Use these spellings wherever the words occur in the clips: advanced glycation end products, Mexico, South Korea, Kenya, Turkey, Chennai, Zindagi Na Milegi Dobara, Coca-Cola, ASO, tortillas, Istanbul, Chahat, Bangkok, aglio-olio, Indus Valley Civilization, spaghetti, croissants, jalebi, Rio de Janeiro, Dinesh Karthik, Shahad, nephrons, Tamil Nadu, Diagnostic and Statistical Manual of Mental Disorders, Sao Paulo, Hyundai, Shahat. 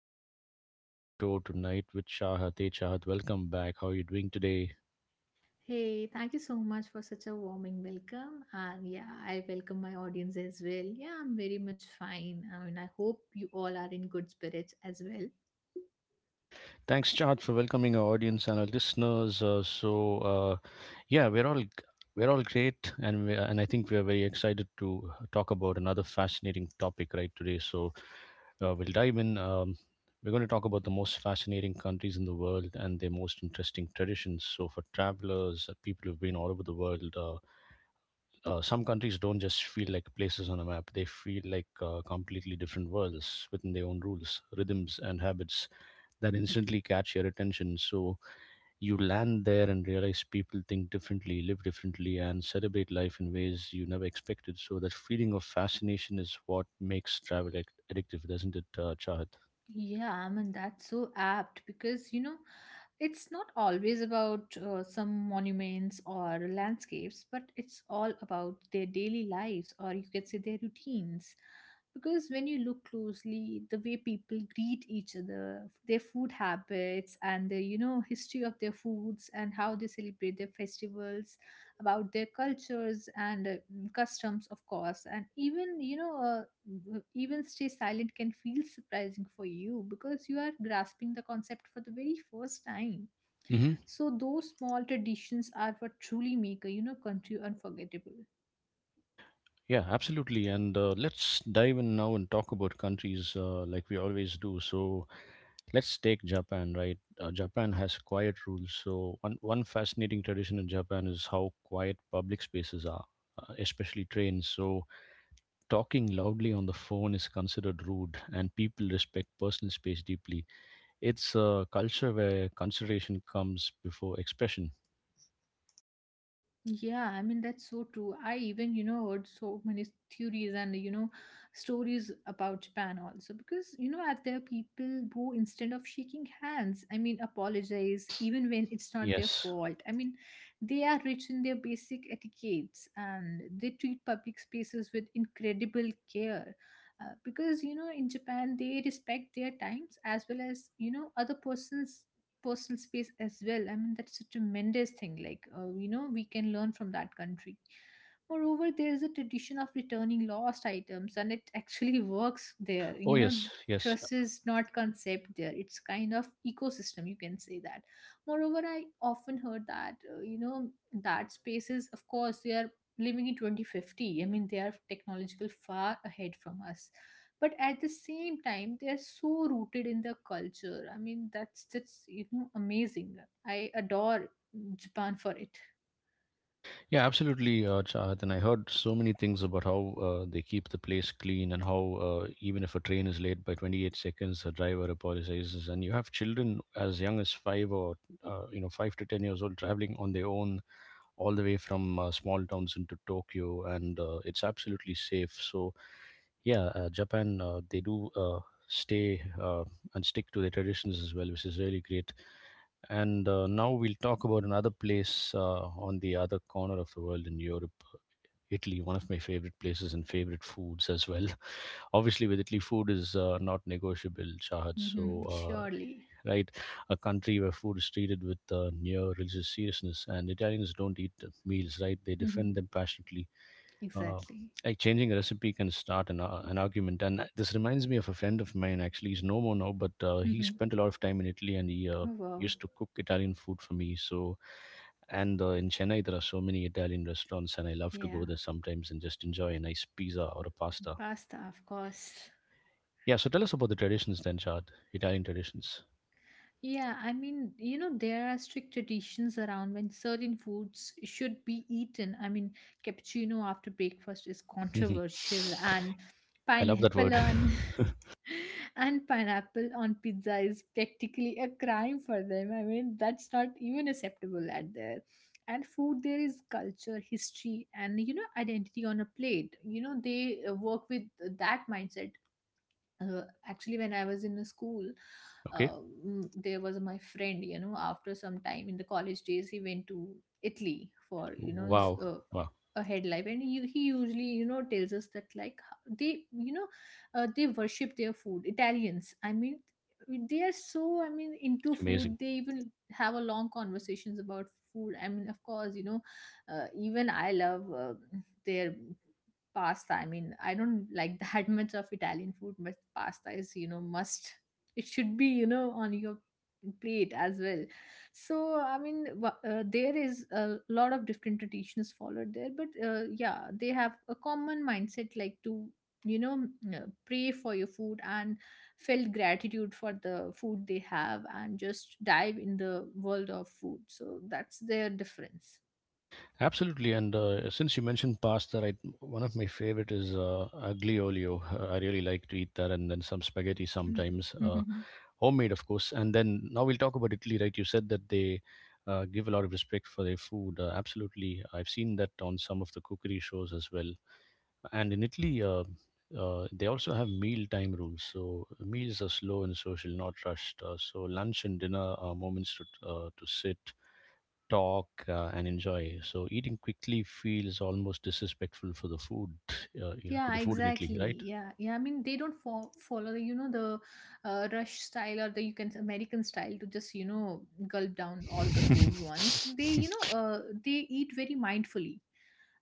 And I'm back on the show tonight with Shahat. Hey, Shahat, welcome back. How are you doing today? Hey, thank you so much for such a warming welcome. And yeah, I welcome my audience as well. Yeah, I'm very much fine. I mean, I hope you all are in good spirits as well. Thanks, Chad, for welcoming our audience and our listeners. Yeah, we're all great, and and I think we're very excited to talk about another fascinating topic right today. So we'll dive in. We're going to talk about the most fascinating countries in the world and their most interesting traditions. So, for travelers, people who've been all over the world, some countries don't just feel like places on a map; they feel like completely different worlds within their own rules, rhythms, and habits that instantly catch your attention. So you land there and realize people think differently, live differently, and celebrate life in ways you never expected. So that feeling of fascination is what makes travel addictive, doesn't it, Chahat? Yeah, I mean, that's so apt because, you know, it's not always about some monuments or landscapes, but it's all about their daily lives or you can say their routines. Because when you look closely, the way people greet each other, their food habits, and the history of their foods and how they celebrate their festivals, about their cultures and customs, of course, and even even stay silent can feel surprising for you because you are grasping the concept for the very first time. Hmm. So those small traditions are what truly make a country unforgettable. Yeah, absolutely. And let's dive in now and talk about countries like we always do. So let's take Japan, right? Japan has quiet rules. So one fascinating tradition in Japan is how quiet public spaces are, especially trains. So talking loudly on the phone is considered rude, and people respect personal space deeply. It's a culture where consideration comes before expression. Yeah, I mean that's so true. I even, you know, heard so many theories and stories about Japan also because, you know, as there are people who instead of shaking hands, I mean, apologize even when it's not their Yes. fault. I mean, they are rich in their basic etiquettes and they treat public spaces with incredible care. Because you know in Japan they respect their times as well as you know other person's personal space as well. I mean, that's such a tremendous thing. Like, you know, we can learn from that country. Moreover, there is a tradition of returning lost items, and it actually works there. Oh, You know, yes, yes. trust is not concept there; it's kind of ecosystem. You can say that. Moreover, I often heard that that spaces, of course, they are living in 2050. I mean, they are technological far ahead from us, but at the same time they are so rooted in the culture. I mean, that's just, you know, amazing. I adore Japan for it. Yeah, absolutely, Chahat. And I heard so many things about how they keep the place clean and how even if a train is late by 28 seconds, the driver apologizes. And you have children as young as 5 or, five to 10 years old traveling on their own all the way from small towns into Tokyo, and it's absolutely safe. So yeah, Japan, they do, stay, and stick to their traditions as well, which is really great. And now we'll talk about another place on the other corner of the world in Europe, Italy, one of my favorite places and favorite foods as well. Obviously, with Italy, food is not negotiable, Shahad. Hmm, uh, surely. right? A country where food is treated with near religious seriousness, and Italians don't eat meals, right? They Hmm, defend them passionately. Uh, exactly. like changing a recipe can start an argument, and this reminds me of a friend of mine. Actually, he's no more now, but he Hmm. spent a lot of time in Italy, and he Oh, wow. used to cook Italian food for me. So, and in Chennai, there are so many Italian restaurants, and I love to go Yeah, there sometimes and just enjoy a nice pizza or a pasta. pasta, of course. Yeah, so tell us about the traditions then, Chad. Italian traditions. Yeah, I mean, you know, there are strict traditions around when certain foods should be eaten. I mean, cappuccino after breakfast is controversial, and I love that pineapple word. on pineapple on pizza is practically a crime for them. I mean, that's not even acceptable at there. And food there is culture, history, and, you know, identity on a plate. You know, they work with that mindset. uh, Actually, when I was in the school, okay. uh, there was my friend, you know. After some time in the college days, he went to Italy for, you know, his Wow. Wow. a head life, and he usually, you know, tells us that like they, you know, they worship their food, Italians. I mean, they are so, I mean, into Amazing. food. They even have a long conversations about food. I mean, of course, you know, even I love their pasta. I mean, I don't like that much of Italian food, but pasta is, you know, must. It should be, you know, on your plate as well. So, I mean, there is a lot of different traditions followed there, but, yeah, they have a common mindset like to, you know, pray for your food and felt gratitude for the food they have and just dive in the world of food. So, that's their difference. Absolutely. And since you mentioned pasta, right, one of my favorite is aglio-olio. I really like to eat that, and then some spaghetti Hmm. sometimes, homemade, of course. And then now we'll talk about Italy, right? You said that they give a lot of respect for their food. Absolutely. I've seen that on some of the cookery shows as well. And in Italy, they also have meal time rules. So meals are slow and social, not rushed. So lunch and dinner are moments to to sit, talk, and enjoy. So eating quickly feels almost disrespectful for the food, you know, to Yeah, the food in Italy, exactly. right? Yeah, yeah. I mean, they don't follow the the rush style or the you can say American style to just, you know, gulp down all the food once. They, you know, they eat very mindfully.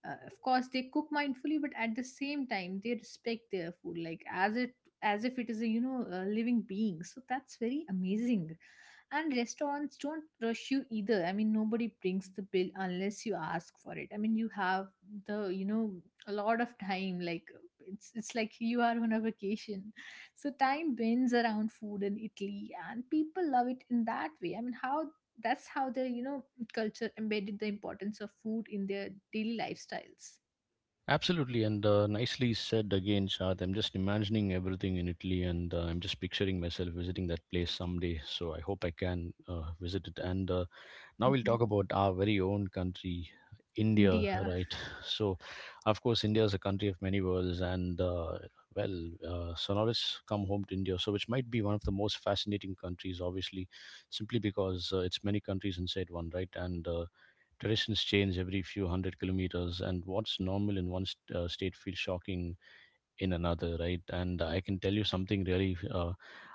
Of course, they cook mindfully, but at the same time, they respect their food like as if it is a, you know, a living being. So that's very amazing. And restaurants don't rush you either. I mean, nobody brings the bill unless you ask for it. I mean, you have the, you know, a lot of time. Like, it's like you are on a vacation. So time bends around food in Italy and people love it in that way. I mean, how that's how their, you know, culture embedded the importance of food in their daily lifestyles. Absolutely, and nicely said again, Shad. I'm just imagining everything in Italy, and I'm just picturing myself visiting that place someday. So I hope I can visit it. And now we'll Mhm. talk about our very own country, India, India. right? So, of course, India is a country of many worlds, and Sonorists come home to India, so which might be one of the most fascinating countries, obviously, simply because it's many countries inside one, right? And traditions change every few hundred kilometers, and what's normal in one state feels shocking in another, right? And I can tell you something really.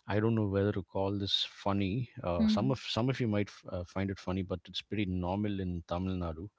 I don't know whether to call this funny. Some Mhm. of you might find it funny, but it's pretty normal in Tamil Nadu.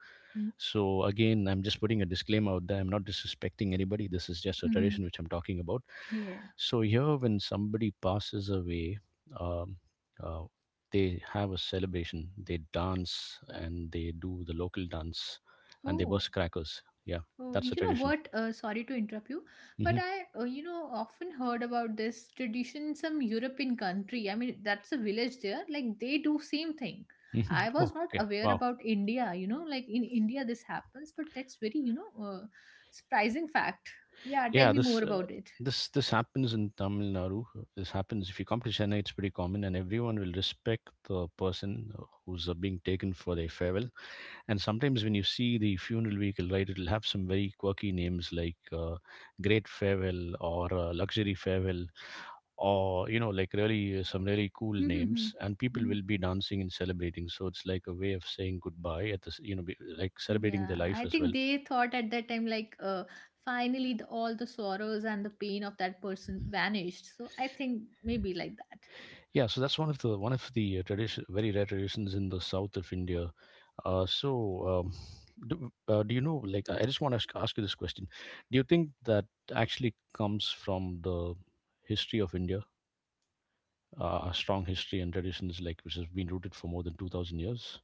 So again, I'm just putting a disclaimer out there. I'm not disrespecting anybody. This is just a tradition Mhm. which I'm talking about. Yeah. So here, when somebody passes away, um, uh, they have a celebration. They dance and they do the local dance, and they Oh. burst crackers. Yeah, Oh, that's a you know tradition. what? Sorry to interrupt you, but Mm-hmm. I, you know, often heard about this tradition in some European country. I mean, that's a village there. Like they do same thing. Mhm. I Oh, was not okay. aware Wow. about India. You know, like in India this happens, but that's very, you know, surprising fact. Yeah, tell Yeah, me this more uh, about it. this this happens in Tamil Nadu. This happens if you come to Chennai, it's pretty common, and everyone will respect the person who's being taken for their farewell. And sometimes when you see the funeral vehicle, right, it'll have some very quirky names like Great Farewell or Luxury Farewell, or like really some really cool names. And people Hmm. will be dancing and celebrating. So it's like a way of saying goodbye at the s- you know, be- like celebrating their Yeah, life I as think well. they thought at that time like finally the, all the sorrows and the pain of that person vanished. So I think maybe like that. Yeah, so that's one of the very rare traditions in the south of India. Uh, so, um, do you know? Like, I just want to ask you this question: Do you think that actually comes from the history of India, a strong history and traditions like which has been rooted for more than 2,000 years?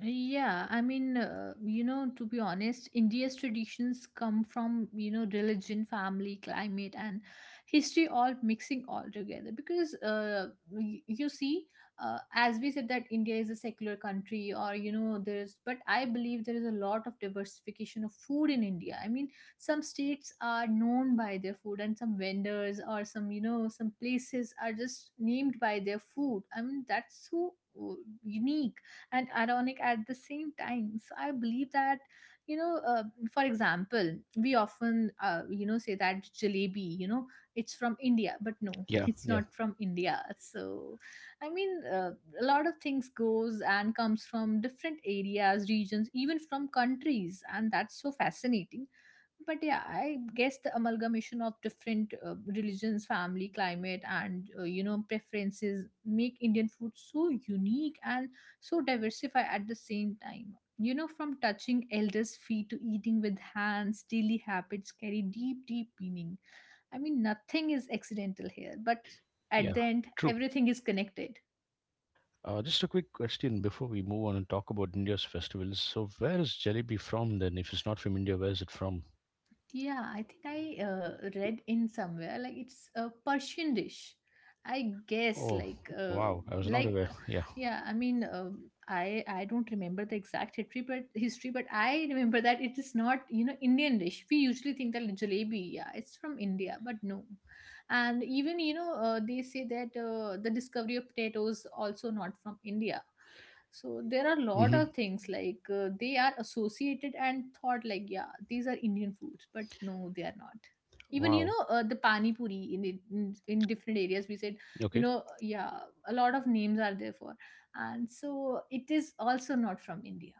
Yeah, I mean, you know, to be honest, India's traditions come from, you know, religion, family, climate, and history all mixing all together. Because you see, as we said, that India is a secular country, or, you know, there's, but I believe there is a lot of diversification of food in India. I mean, some states are known by their food, and some vendors or some, you know, some places are just named by their food. I mean, that's so uh, unique and ironic at the same time. So I believe that, you know, for example, we often, you know, say that jalebi, you know, it's from India, but no, Yeah, it's yeah. not from India. So I mean, a lot of things goes and comes from different areas, regions, even from countries, and that's so fascinating. But yeah, I guess the amalgamation of different religions, family, climate, and, you know, preferences make Indian food so unique and so diversified at the same time. You know, from touching elders feet to eating with hands, daily habits carry deep meaning. I mean, nothing is accidental here, but at Yeah, the end, true. everything is connected. Just a quick question before we move on and talk about India's festivals. So, where is jalebi from then? If it's not from India, where is it from? Yeah, I think I read in somewhere like it's a Persian dish. I guess Oh, like wow! I was not like aware. uh, Yeah. yeah, I mean, I don't remember the exact history but I remember that it is not, you know, Indian dish. We usually think that jalebi, yeah, it's from India, but no. And even you know they say that the discovery of potatoes also not from India. So there are a lot Hmm. of things like they are associated and thought like yeah, these are Indian foods, but no, they are not. Even you Wow. know the pani puri in, in different areas, we said, you Okay, know, yeah, a lot of names are there for, and so it is also not from India.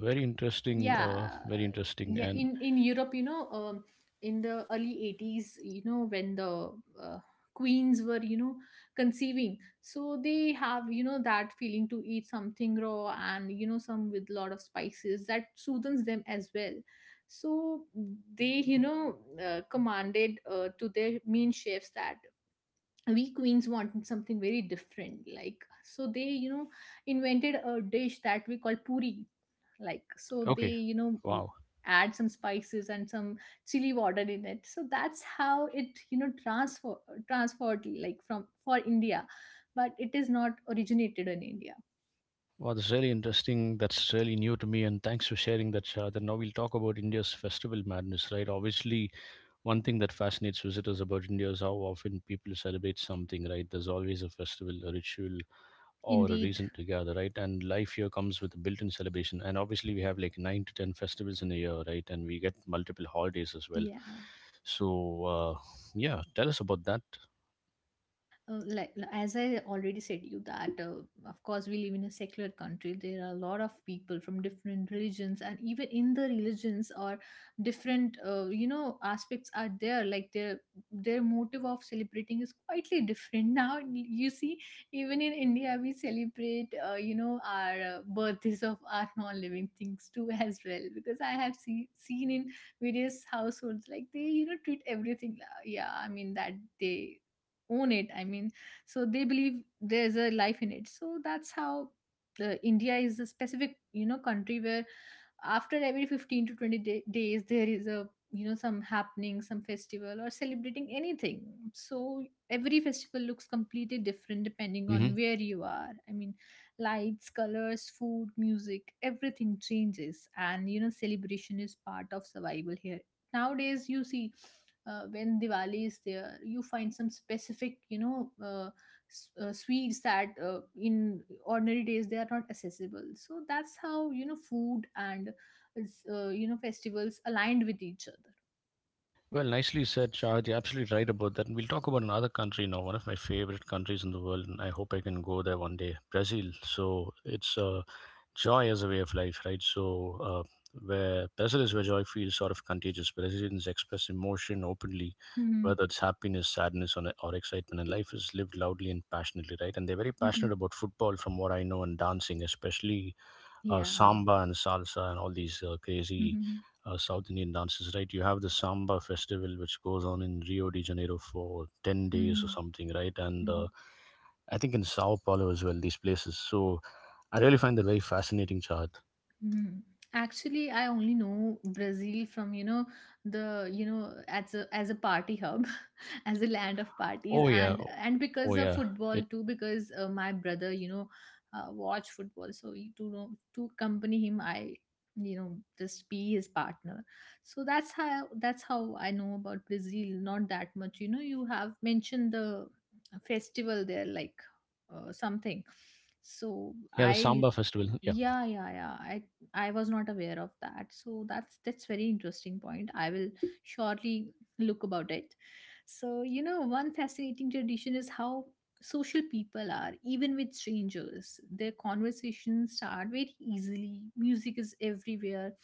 very interesting. Yeah, Very interesting. yeah. And In Europe, you know, in the early 80s, you know, when the uh, queens were, you know, conceiving, so they have, you know, that feeling to eat something raw and, you know, some with lot of spices that soothes them as well. So they, you know, commanded to their mean chefs that we queens want something very different. Like, so they, you know, invented a dish that we call puri. Like, so they, okay, you know, wow, add some spices and some chili water in it. So that's how it, you know, transferred like from for India, but it is not originated in India. wow, that's really interesting. That's really new to me. And thanks for sharing that, Shah. Then now we'll talk about India's festival madness, right? Obviously, one thing that fascinates visitors about India is how often people celebrate something, right? There's always a festival, a ritual, or a Indeed. reason to gather, right? And life here comes with a built-in celebration. And obviously, we have like 9 to 10 festivals in a year, right? And we get multiple holidays as well. Yeah. So yeah, tell us about that. Like as I already said you that of course we live in a secular country. There are a lot of people from different religions, and even in the religions or different you know aspects are there. Like their motive of celebrating is quietly different. Now you see, even in India we celebrate you know our birthdays of our non living things too as well. Because I have seen in various households like they, you know, treat everything. Yeah, I mean that they own it. I mean, so they believe there's a life in it. So that's how, India is a specific, you know, country where after every 15 to 20 days there is a, you know, some happening, some festival, or celebrating anything. So every festival looks completely different depending on Mm-hmm. where you are. I mean, lights, colors, food, music, everything changes, and you know celebration is part of survival here. Nowadays you see, when Diwali is there, you find some specific, you know, sweets that in ordinary days they are not accessible. So that's how, you know, food and is, you know, festivals aligned with each other. Well, nicely said, Shahid. You're absolutely right about that. And we'll talk about another country now, one of my favorite countries in the world, and I hope I can go there one day, Brazil. So it's joy as a way of life, right? Where Brazil is where joy feels sort of contagious. Brazilians express emotion openly, Hmm. whether it's happiness, sadness, or excitement, and life is lived loudly and passionately, right? And they're very Hmm. passionate about football, from what I know, and dancing, especially Yeah. samba and salsa and all these crazy Mm-hmm. South Indian dances, right? You have the samba festival which goes on in Rio de Janeiro for 10 days or something, right? And Hmm. I think in Sao Paulo as well, these places. So I really find that very fascinating, Chad. Mhm. Actually, I only know Brazil from, you know, as a party hub, as a land of parties, Oh yeah, and oh because of yeah. football It too. Because my brother, watch football, to know to accompany him, I just be his partner. So that's how I know about Brazil. Not that much, you know. You have mentioned the festival there, like something. So Yeah, the I samba festival. Yeah, yeah, yeah. I. I was not aware of that. So that's very interesting point. I will surely look about it. So you know, one fascinating tradition is how social people are, even with strangers. Their conversations start very easily. Music is everywhere.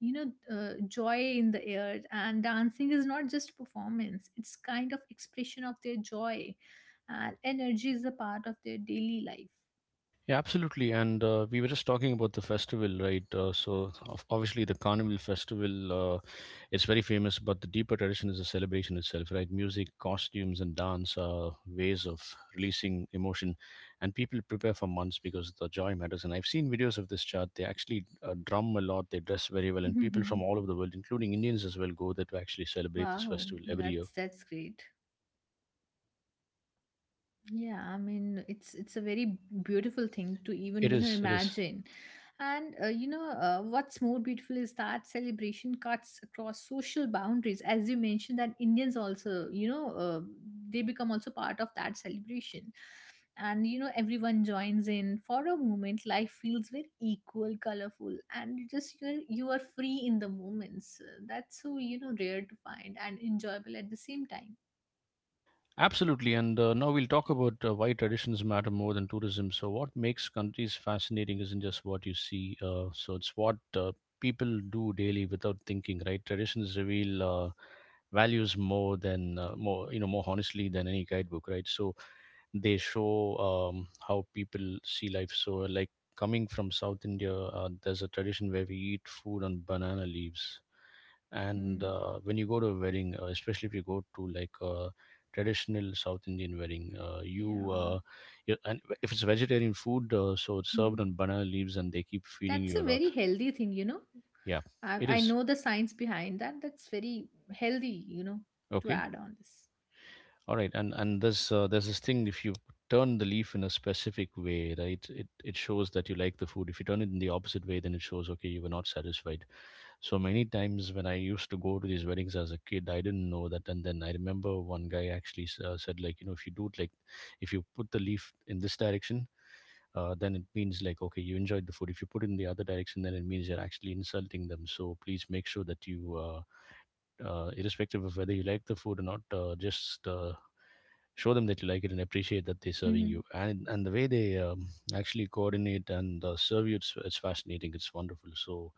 You know, joy in the air, and dancing is not just performance. It's kind of expression of their joy, and energy is a part of their daily life. Yeah, absolutely. And we were just talking about the festival, right? Obviously the Carnival Festival, it's very famous, but the deeper tradition is the celebration itself, right? Music, costumes, and dance are ways of releasing emotion, and people prepare for months because the joy matters. And I've seen videos of this chart. They actually drum a lot. They dress very well, and people from all over the world, including Indians as well, go there to actually celebrate this Wow, festival every year. that's great. Yeah, I mean it's a very beautiful thing to even It you know is. It is. imagine, and what's more beautiful is that celebration cuts across social boundaries. As you mentioned, that Indians also they become also part of that celebration, and you know everyone joins in for a moment. Life feels very equal, colorful, and you just you're you are free in the moments. That's so you know rare to find and enjoyable at the same time. Absolutely, and now we'll talk about why traditions matter more than tourism. So, what makes countries fascinating isn't just what you see, so it's what people do daily without thinking, right? Traditions reveal values more than more you know more honestly than any guidebook, right? So they show how people see life. So, like coming from South India, there's a tradition where we eat food on banana leaves and Mm, uh, when you go to a wedding, especially if you go to like a traditional South Indian wedding, you yeah. You and if it's vegetarian food, it's Mm-hmm. served on banana leaves and they keep feeding That's you a a lot. very healthy thing, you know. Yeah, it I is. know the science behind that. That's very healthy, you know, to Okay, add on this. all right. And there's this thing: if you turn the leaf in a specific way, right, it shows that you like the food. If you turn it in the opposite way, then it shows okay, you were not satisfied. So many times when I used to go to these weddings as a kid, I didn't know that. And then I remember one guy actually said, like, you know, if you do it like, if you put the leaf in this direction, then it means like, okay, you enjoyed the food. If you put it in the other direction, then it means you're actually insulting them. So please make sure that you, irrespective of whether you like the food or not, just show them that you like it and appreciate that they're serving Mhm. you. And the way they actually coordinate and serve you, it's fascinating, it's wonderful. So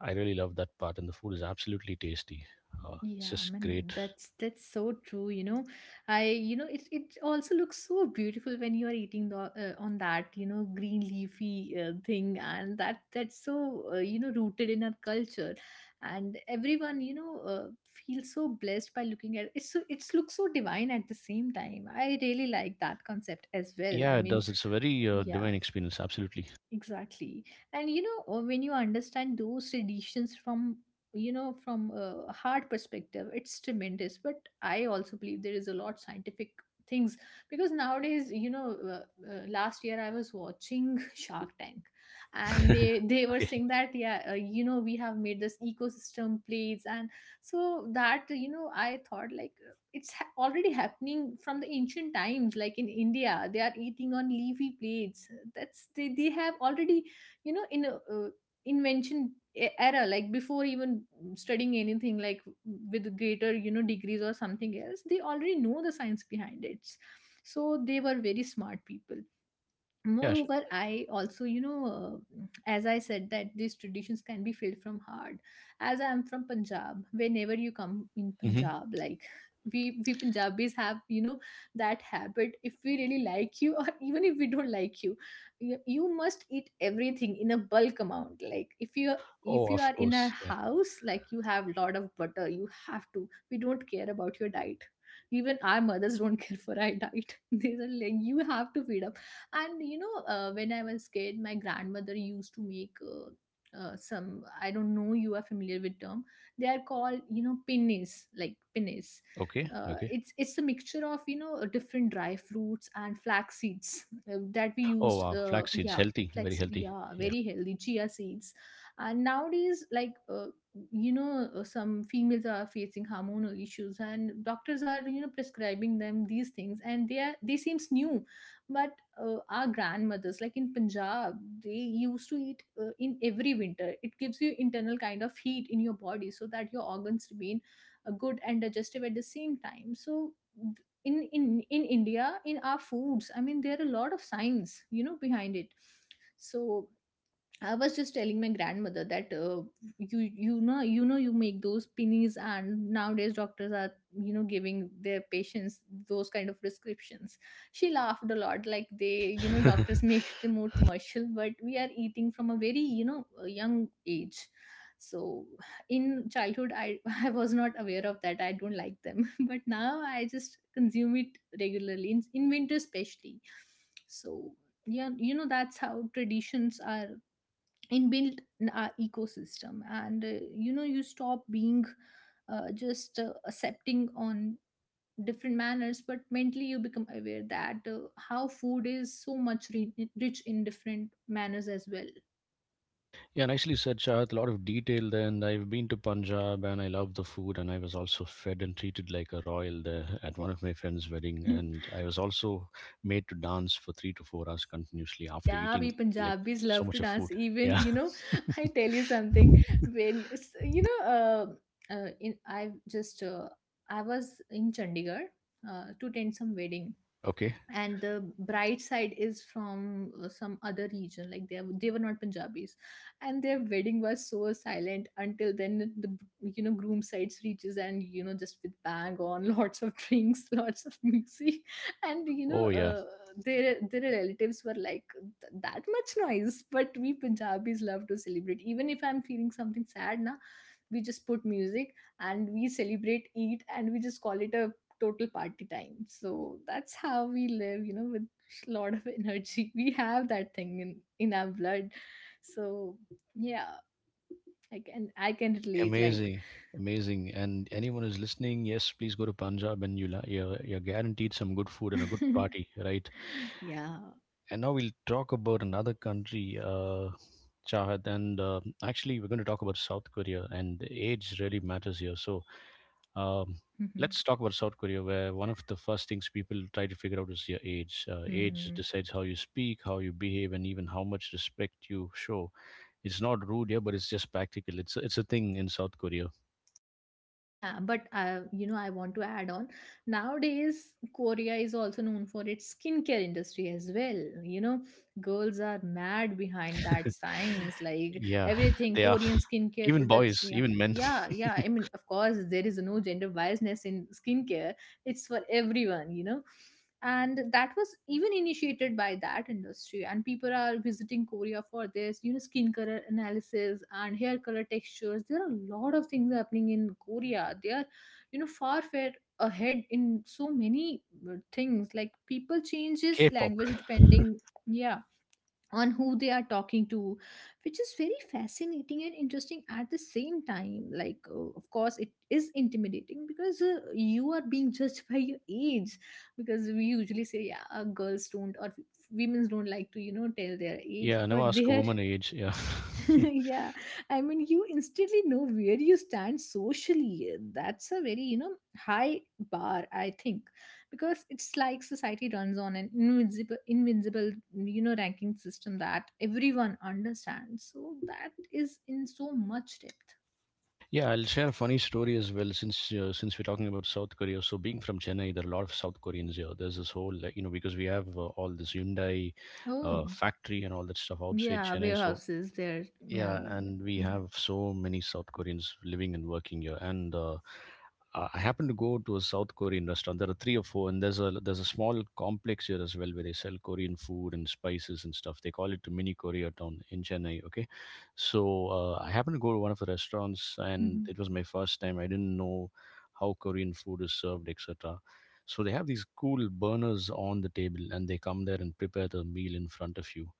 I really love that part, and the food is absolutely tasty. It's Yeah, I just mean great. that's so true. You know, I it it also looks so beautiful when you are eating the on that you know green leafy thing, and that's so you know rooted in our culture, and everyone feels so blessed by looking at it. So it looks so divine at the same time. I really like that concept as well. Yeah, I it mean, does. It's a very yeah, divine experience, absolutely. exactly, and you know when you understand those traditions from you know from a hard perspective it's tremendous, but I also believe there is a lot scientific things because nowadays last year I was watching Shark Tank, and they they were Okay. saying that yeah, you know we have made this ecosystem plates, and so that you know I thought like it's already happening from the ancient times, like in India they are eating on leafy plates. That's they have already you know in a invention era, like before even studying anything like with greater you know degrees or something else, they already know the science behind it, so they were very smart people. Yeah, sure. Moreover, I also as I said that these traditions can be filled from heart. As I am from Punjab, whenever you come in Hmm. Punjab like we Punjabis have you know that habit, if we really like you or even if we don't like you, you must eat everything in a bulk amount. Like if you, Oh, if you of are in a course, yeah. house like you have lot of butter, you have to, we don't care about your diet, even our mothers don't care for our diet. They are like you have to feed us. And you know when I was kid my grandmother used to make some, I don't know you are familiar with term. They are called you know pinnies, like pinnies. Okay, okay. It's a mixture of you know different dry fruits and flax seeds, that we Oh, used wow, flax seeds, yeah. healthy, very Flax, healthy. yeah, very healthy, chia seeds. And nowadays like some females are facing hormonal issues, and doctors are you know prescribing them these things, and they are they seems new, but our grandmothers like in Punjab, they used to eat in every winter. It gives you internal kind of heat in your body so that your organs remain good and digestive at the same time. So th- in in in India, in our foods, I mean there are a lot of science you know behind it. So I was just telling my grandmother that you you know you know you make those pennies, and nowadays doctors are you know giving their patients those kind of prescriptions. She laughed a lot like they you know Yeah. doctors make it more commercial, but we are eating from a very you know a young age. So in childhood I I was not aware of that, I don't like them, but now I just consume it regularly in winter especially. So yeah you know that's how traditions are inbuilt in our ecosystem, and you know you stop being just accepting on different manners, but mentally you become aware that how food is so much rich in different manners as Yeah, nicely said, Shahat. A lot of detail there. And I've been to Punjab and I love the food. And I was also fed and treated like a royal there at one of my friend's wedding. well. And I was also made to dance for 3 to 4 hours continuously after Yeah, eating, we like, Punjabis so love to much of dance food. even Yeah. you know. I tell you something, when it's you know in I just I was in Chandigarh to attend some wedding, Okay. and the bride side is from some other region, like they were not Punjabis, and their wedding was so silent until then the you know groom sides reaches and you know just with bang on lots of drinks, lots of music. And you know Oh, yeah. Their relatives were like That much noise," but we Punjabis love to celebrate. Even if I'm feeling something sad now, we just put music and we celebrate, eat, and we just call it a total party time. So that's how we live you know with a lot of energy. We have that thing in our blood. So yeah, I can I can relate, like Amazing. Amazing. And anyone who's listening, yes, please go to Punjab and you'll, you're guaranteed some good food and a good party, right? yeah. And now we'll talk about another country, Chahat, and actually we're going to talk about South Korea, and age really matters here. So um, Mhm. let's talk about South Korea, where one of the first things people try to figure out is your age. Age Hmm. decides how you speak, how you behave, and even how much respect you show. It's not rude here, but it's just practical. It's a thing in South Korea. Yeah, but you know, I want to add on. Nowadays, Korea is also known for its skincare industry as well. You know, girls are mad behind that science, like Yeah, everything they are, Korean skincare even products. boys, Yeah, even men. yeah, yeah. I mean, of course, there is no gender biasness in skincare, it's for everyone you know, and that was even initiated by that industry, and people are visiting Korea for this you know skin color analysis and hair color textures. There are a lot of things happening in Korea. They are you know far far ahead in so many things, like people changes K-pop. language depending, yeah, on who they are talking to, which is very fascinating and interesting at the same time. Like of course it is intimidating because you are being judged by your age, because we usually say yeah girls don't or women don't like to you know tell their age, Yeah, never but ask a there woman her age. Yeah. yeah, I mean you instantly know where you stand socially. That's a very you know high bar I think, because it's like society runs on an invincible invincible you know ranking system that everyone understands, so that is in so much depth. Yeah, I'll share a funny story as well. Since we're talking about South Korea, so being from Chennai, there are a lot of South Koreans here. There's this whole, like, you know, because we have all this Hyundai Oh, factory and all that stuff outside yeah, Chennai. So warehouses there. Yeah, yeah, yeah. and we Mhm, have so many South Koreans living and working here. And I happened to go to a South Korean restaurant. There are three or four, and there's a, there's a small complex here as well where they sell Korean food and spices and stuff. They call it a mini Koreatown in Chennai. Okay, so I happened to go to one of the restaurants, and mhm. it was my first time. I didn't know how Korean food is served, etc. So they have these cool burners on the table, and they come there and prepare the meal in front of you,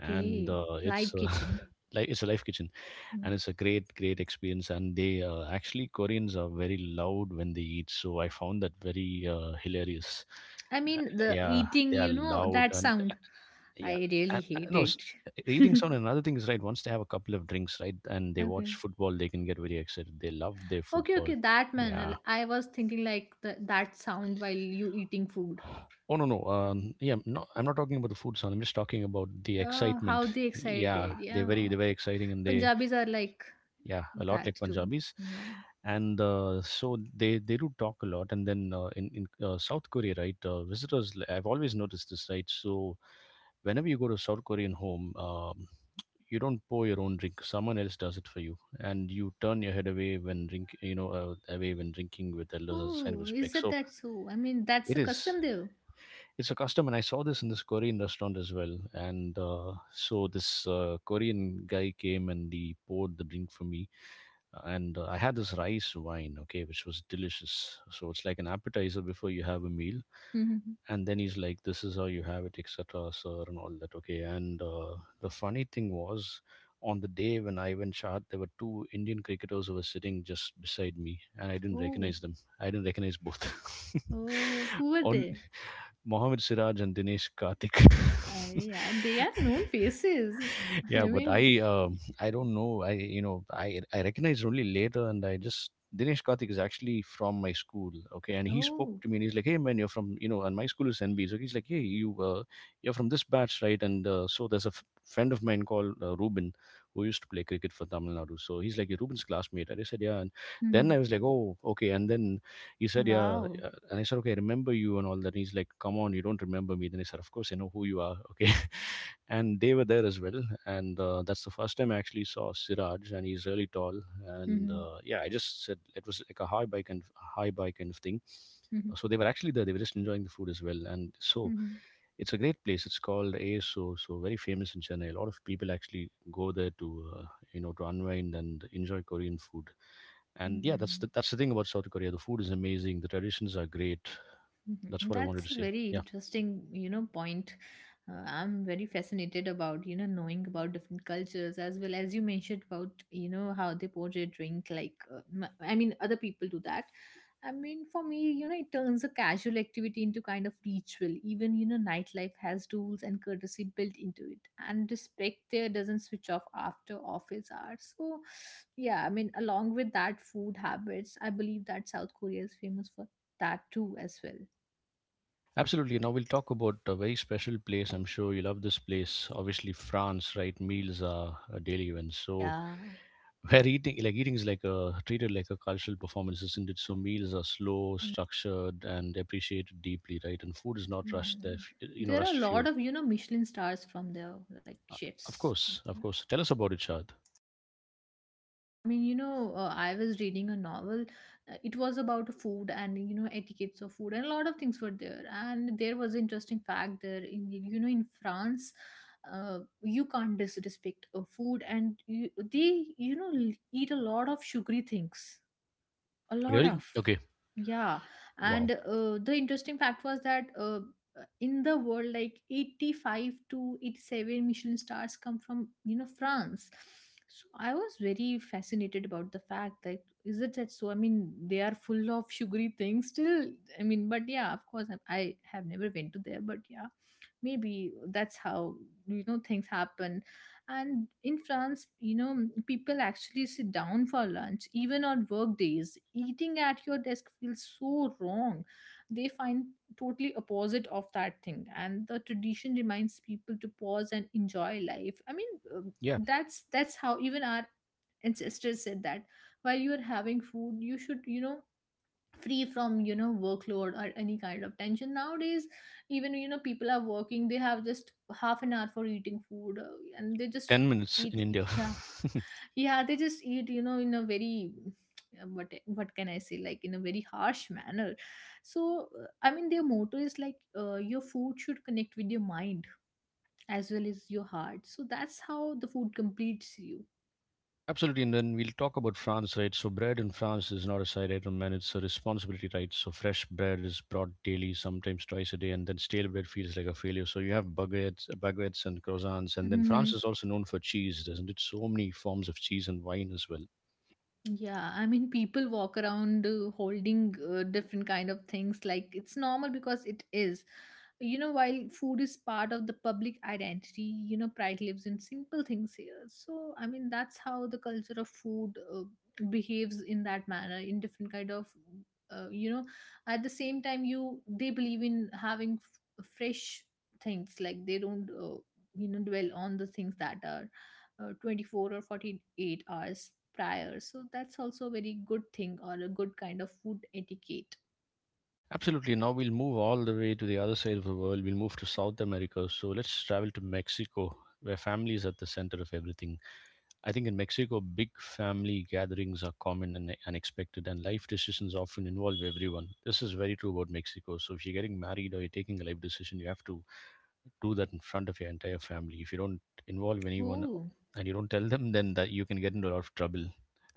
and it's live kitchen. like it's a life kitchen, Mm. and it's a great, great experience. And they, actually Koreans are very loud when they eat, so I found that very hilarious. I Uh, mean the yeah, eating they are you know loud. that and sound, uh, I yeah. really and hate no s- it. The eating sound. And another thing is, right, once they have a couple of drinks, right, and they Okay. watch football, they can get very excited. They love their Okay, football. okay, that manner. Yeah. I was thinking like the, that sound while you eating food. Oh no, no. Yeah, no, I'm not talking about the food sound, I'm just talking about the Oh, how excitement. they Yeah, excited. they're very Yeah. they're very exciting, and they, Punjabis are like yeah, a lot that like too. Punjabis. Yeah. And so they do talk a lot. And then, in South Korea, right? Visitors, I've always noticed this, right? So whenever you go to a South Korean home, you don't pour your own drink. Someone else does it for you, and you turn your head away when drink, you know, away when drinking with elders as a sign of Oh, is respect. it So that so? I mean, that's it a is. custom there. It's a custom, and I saw this in this Korean restaurant as well. And so this Korean guy came and he poured the drink for me, and I had this rice wine, okay, which was delicious. So it's like an appetizer before you have a meal, Mhm. and then he's like, "This is how you have it, etc., sir," and all that, okay. And the funny thing was, on the day when I went shot, there were two Indian cricketers who were sitting just beside me, and I didn't Oh. recognize them. I didn't recognize both. Oh, who are On they? Mohammad Siraj and Dinesh Karthik. Yeah, they are known faces. Yeah, I but mean, I, I don't know, I, you know, I recognized only later. And I just, Dinesh Karthik is actually from my school, okay, and he spoke oh, to me and he's like, "Hey man, you're from, you know," and my school is NB, so he's like, "Hey, you, you're from this batch, right?" And so there's a friend of mine called Ruben who used to play cricket for Tamil Nadu, so he's like, "You're Ruben's classmate," and I said, "Yeah." And then mhm. I was like, "Oh, okay." And then he said, "Yeah, Wow. And I said, "Okay, I remember you," and all that, and he's like, "Come on, you don't remember me." Then I said, "Of course I know who you are, okay." And they were there as well. And that's the first time I actually saw Siraj, and he's really tall. And Mhm. Yeah, I just said it was like a high bike and high bike kind of thing. Mhm. So they were actually there. They were just enjoying the food as well. And so Mhm. it's a great place. It's called ASO, so very famous in Chennai. A lot of people actually go there to you know, to unwind and enjoy Korean food. And yeah, Mhm. That's the thing about South Korea. The food is amazing. The traditions are great. That's Mhm. what I wanted That's to a say. very Yeah. interesting, you know, point. I'm very fascinated about, you know, knowing about different cultures, as well as you mentioned about, you know, how they portray drink. Like, I mean, other people do that. I mean, for me, you know, it turns a casual activity into kind of ritual. Even, you know, nightlife has rules and courtesy built into it. And respect there doesn't switch off after office hours. So, yeah, I mean, along with that, food habits, I believe that South Korea is famous for that too, as well. Absolutely. Now we'll talk about a very special place. I'm sure you love this place. Obviously, France, right? Meals are a daily event. So Yeah. where eating, like eating, is like a treated like a cultural performance, isn't it? So meals are slow, structured, and appreciated deeply, right? And food is not rushed. Hmm. You know, There are a rushed fuel. lot of, you know, Michelin stars from their like Uh, Of chefs. course, of course. Tell us about it, Shad. I mean, you know, I was reading a novel. It was about food and, you know, etiquettes of food, and a lot of things were there. And there was interesting fact there in, in France, you can't disrespect a food and you, they, you know, l- eat a lot of sugary things a lot Really? of Okay. yeah. And Wow. The interesting fact was that in the world, like, 85 to 87 michelin stars come from, you know, France. So I was very fascinated about the fact that is it that. So I mean they are full of sugary things still. I mean, but yeah, of course, I have never been to there, but yeah, maybe that's how, you know, things happen. And in France, you know, people actually sit down for lunch, even on work days. Eating at your desk feels so wrong, they find. Totally opposite of that thing, and the tradition reminds people to pause and enjoy life. I mean, um, Yeah. that's that's how even our ancestors said that while you are having food you should, you know, free from, you know, workload or any kind of tension. Nowadays, even, you know, people are working, they have just half an hour for eating food, and they just 10 minutes in eat. India. Yeah. Yeah, they just eat, you know, in a very what can I say, like, in a very harsh manner. So I mean their motto is like, your food should connect with your mind as well as your heart. So that's how the food completes you. Absolutely, and then we'll talk about France, right? So bread in France is not a side item, man, it's a responsibility, right? So fresh bread is brought daily, sometimes twice a day, and then stale bread feels like a failure. So you have baguettes, baguettes and croissants, and then France is also known for cheese, doesn't it? So many forms of cheese and wine as well. Yeah, I mean, people walk around holding different kind of things. Like, it's normal because it is. You know, while food is part of the public identity, you know, pride lives in simple things here. So, I mean, that's how the culture of food behaves in that manner, in different kind of, you know, at the same time, you they believe in having fresh things. Like, they don't, you know, dwell on the things that are 24 or 48 hours prior. So that's also a very good thing or a good kind of food etiquette. Absolutely. Now we'll move all the way to the other side of the world. We'll move to South America. So let's travel to Mexico, where family is at the center of everything. I think in Mexico, big family gatherings are common and unexpected, and life decisions often involve everyone. This is very true about Mexico. So if you're getting married or you're taking a life decision, you have to do that in front of your entire family. If you don't involve anyone Oh, and you don't tell them, then that you can get into a lot of trouble.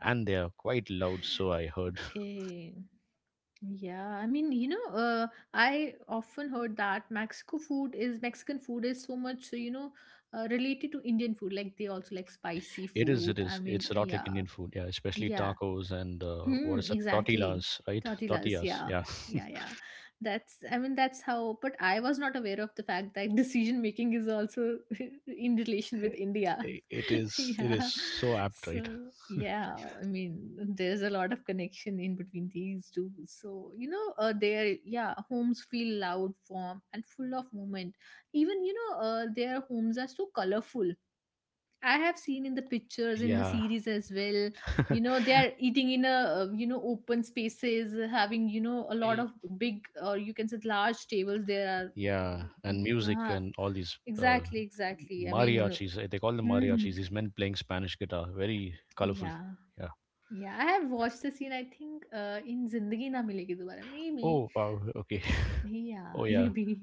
And they are quite loud, so I heard. okay. Yeah, I mean, you know, I often heard that Mexico food is Mexican food is so much, you know, related to Indian food. Like, they also like spicy It is, food. it I is. mean, It's a lot like yeah, Indian food, yeah, especially yeah. tacos and, what Hmm, is that, exactly. tortillas, right? Tortillas, Tortillas, yeah. yeah. Yeah, yeah. That's, I mean, that's how, but I was not aware of the fact that decision making is also in relation with India. It is, it is, Yeah. so apt, So, right? yeah, I mean there's a lot of connection in between these two. So, you know, their, yeah, homes feel loud, warm and full of movement. Even, you know, their homes are so colorful. I have seen in the pictures in the Yeah. series as well. You know, they are eating in a, you know, open spaces, having, you know, a lot Y- of big, or you can say, large tables. There are Yeah, and music uh and all these, exactly, exactly. I mean, mariachis. They call them hmm, mariachis. These men playing Spanish guitar, very colorful. yeah, Yeah. yeah. I have watched the scene. I think in Zindagi Na Milegi Dobara, maybe. Oh wow. Okay. Yeah, Oh yeah. maybe.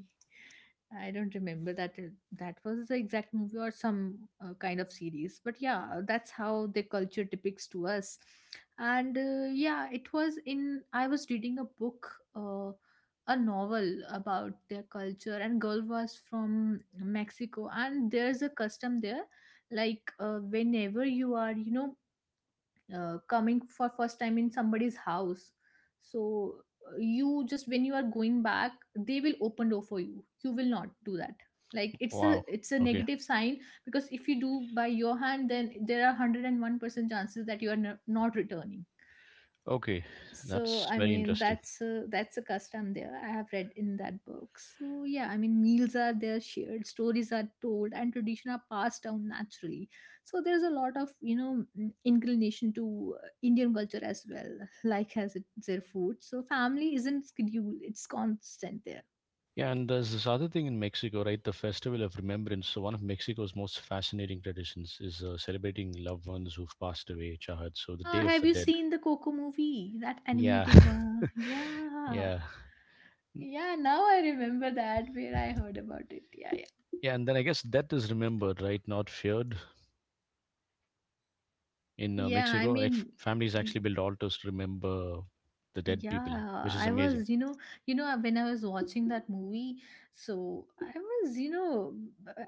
I don't remember that that was the exact movie or some kind of series. But yeah, that's how the culture depicts to us. And yeah, it was in I was reading a book, uh, a novel about their culture and girl was from Mexico, and there's a custom there like, whenever you are, you know, coming for first time in somebody's house, so you just when you are going back they will open door for you, you will not do that. Like, it's a Wow. it's a Okay. negative sign, because if you do by your hand then there are 101% chances that you are not returning. Okay. So That's I very mean interesting. That's a custom there, I have read in that book. So yeah, I mean meals are there, shared stories are told, and tradition are passed down naturally. So there's a lot of, you know, inclination to Indian culture as well, like as it their food. So family isn't scheduled, it's constant there. Yeah, and there's this other thing in Mexico, right? The Festival of Remembrance. So one of Mexico's most fascinating traditions is celebrating loved ones who've passed away, Chahad. So the Yeah, Day of have the you Dead. seen the Coco movie, that Yeah. animated one? Yeah. Yeah. N- Yeah, now I remember that, where I heard about it. Yeah, yeah, Yeah, and then I guess death is remembered, right? Not feared. In yeah, I Mexico, right? Mean. Families actually build altars to remember the dead people, which Yeah, is I amazing. was, you know, when I was watching that movie, so I was, you know,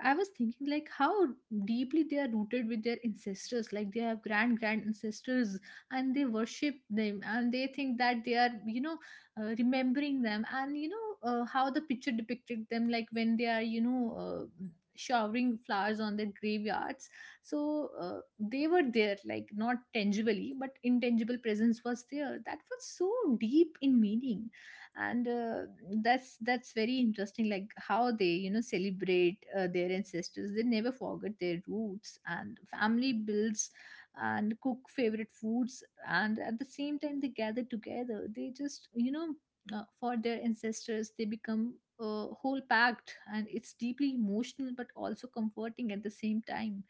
I was thinking like how deeply they are rooted with their ancestors. Like, they have grand ancestors, and they worship them, and they think that they are, you know, remembering them. And, you know, how the picture depicted them, like when they are, you know, showering flowers on their graveyards. So they were there, like, not tangibly, but intangible presence was there. That was so deep in meaning. And that's very interesting, like how they, you know, celebrate their ancestors. They never forget their roots, and family builds and cook favorite foods, and at the same time they gather together. They just, you know, for their ancestors they become a whole pact, and it's deeply emotional, but also comforting at the same time,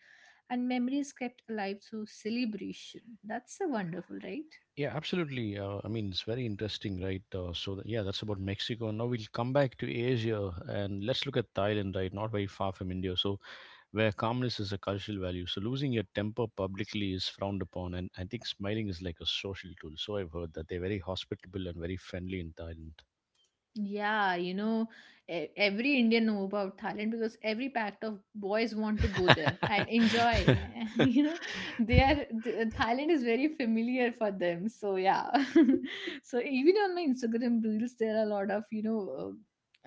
and memories kept alive through celebration. That's a wonderful, right? Yeah, absolutely. I mean, it's very interesting, right? So, yeah, that's about Mexico. Now we'll come back to Asia and let's look at Thailand, right? Not very far from India. So where calmness is a cultural value. So losing your temper publicly is frowned upon. And I think smiling is like a social tool. So I've heard that they're very hospitable and very friendly in Thailand. Yeah, you know, every Indian know about Thailand, because every pact of boys want to go there and enjoy. You know, Thailand is very familiar for them. So yeah, so even on my Instagram reels, there are a lot of, you know,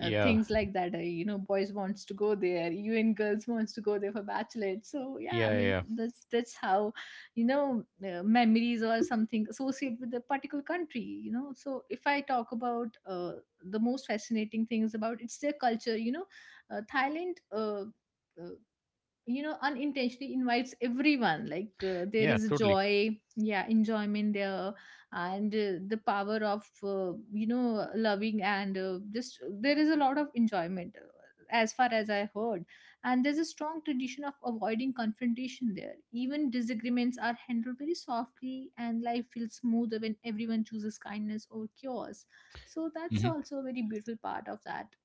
things like that. You know, boys wants to go there, even girls wants to go there for bachelorette. So yeah, I yeah, mean, yeah, that's how you know, memories or something associated with a particular country, you know. So if I talk about, the most fascinating things about it's their culture, you know, Thailand, uh, you know, unintentionally invites everyone. Like, there yeah, is totally. joy, yeah, enjoyment there, and the power of, you know, loving, and just there is a lot of enjoyment, as far as I heard. And there's a strong tradition of avoiding confrontation there. Even disagreements are handled very softly, and life feels smoother when everyone chooses kindness over chaos. So that's Mhm. also a very beautiful part of that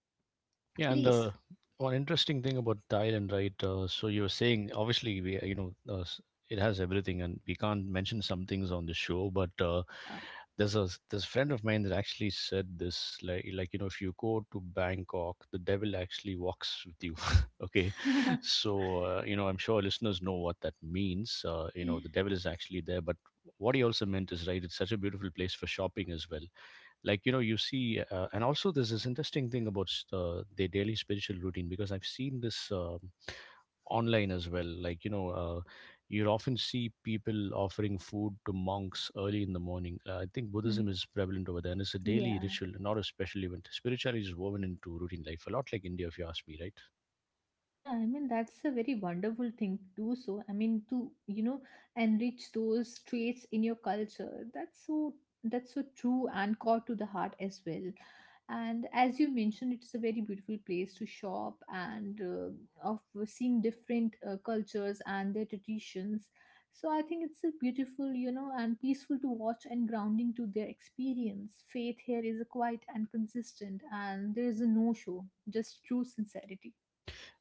Yeah, and place. One interesting thing about Thailand, right? So you were saying, obviously, we you know s- it has everything, and we can't mention some things on the show. But Yeah. there's a this friend of mine that actually said this, like, if you go to Bangkok, the devil actually walks with you. Okay, so I'm sure listeners know what that means. The devil is actually there, but what he also meant is right. It's such a beautiful place for shopping as well, like, you see and also there's this interesting thing about their daily spiritual routine, because I've seen this online as well, you often see people offering food to monks early in the morning. I think Hmm, Buddhism is prevalent over there, and it's a daily yeah. ritual, not a special event. Spirituality is woven into routine life, a lot like India, if you ask me, right? Yeah, I mean, that's a very wonderful thing to do. So I mean, to, you know, enrich those traits in your culture. That's so, that's so true and core to the heart as well. And as you mentioned, it's a very beautiful place to shop and of seeing different cultures and their traditions. So I think it's a beautiful, you know, and peaceful to watch and grounding to their experience. Faith here is a quiet and consistent, and there is a no show, just true sincerity.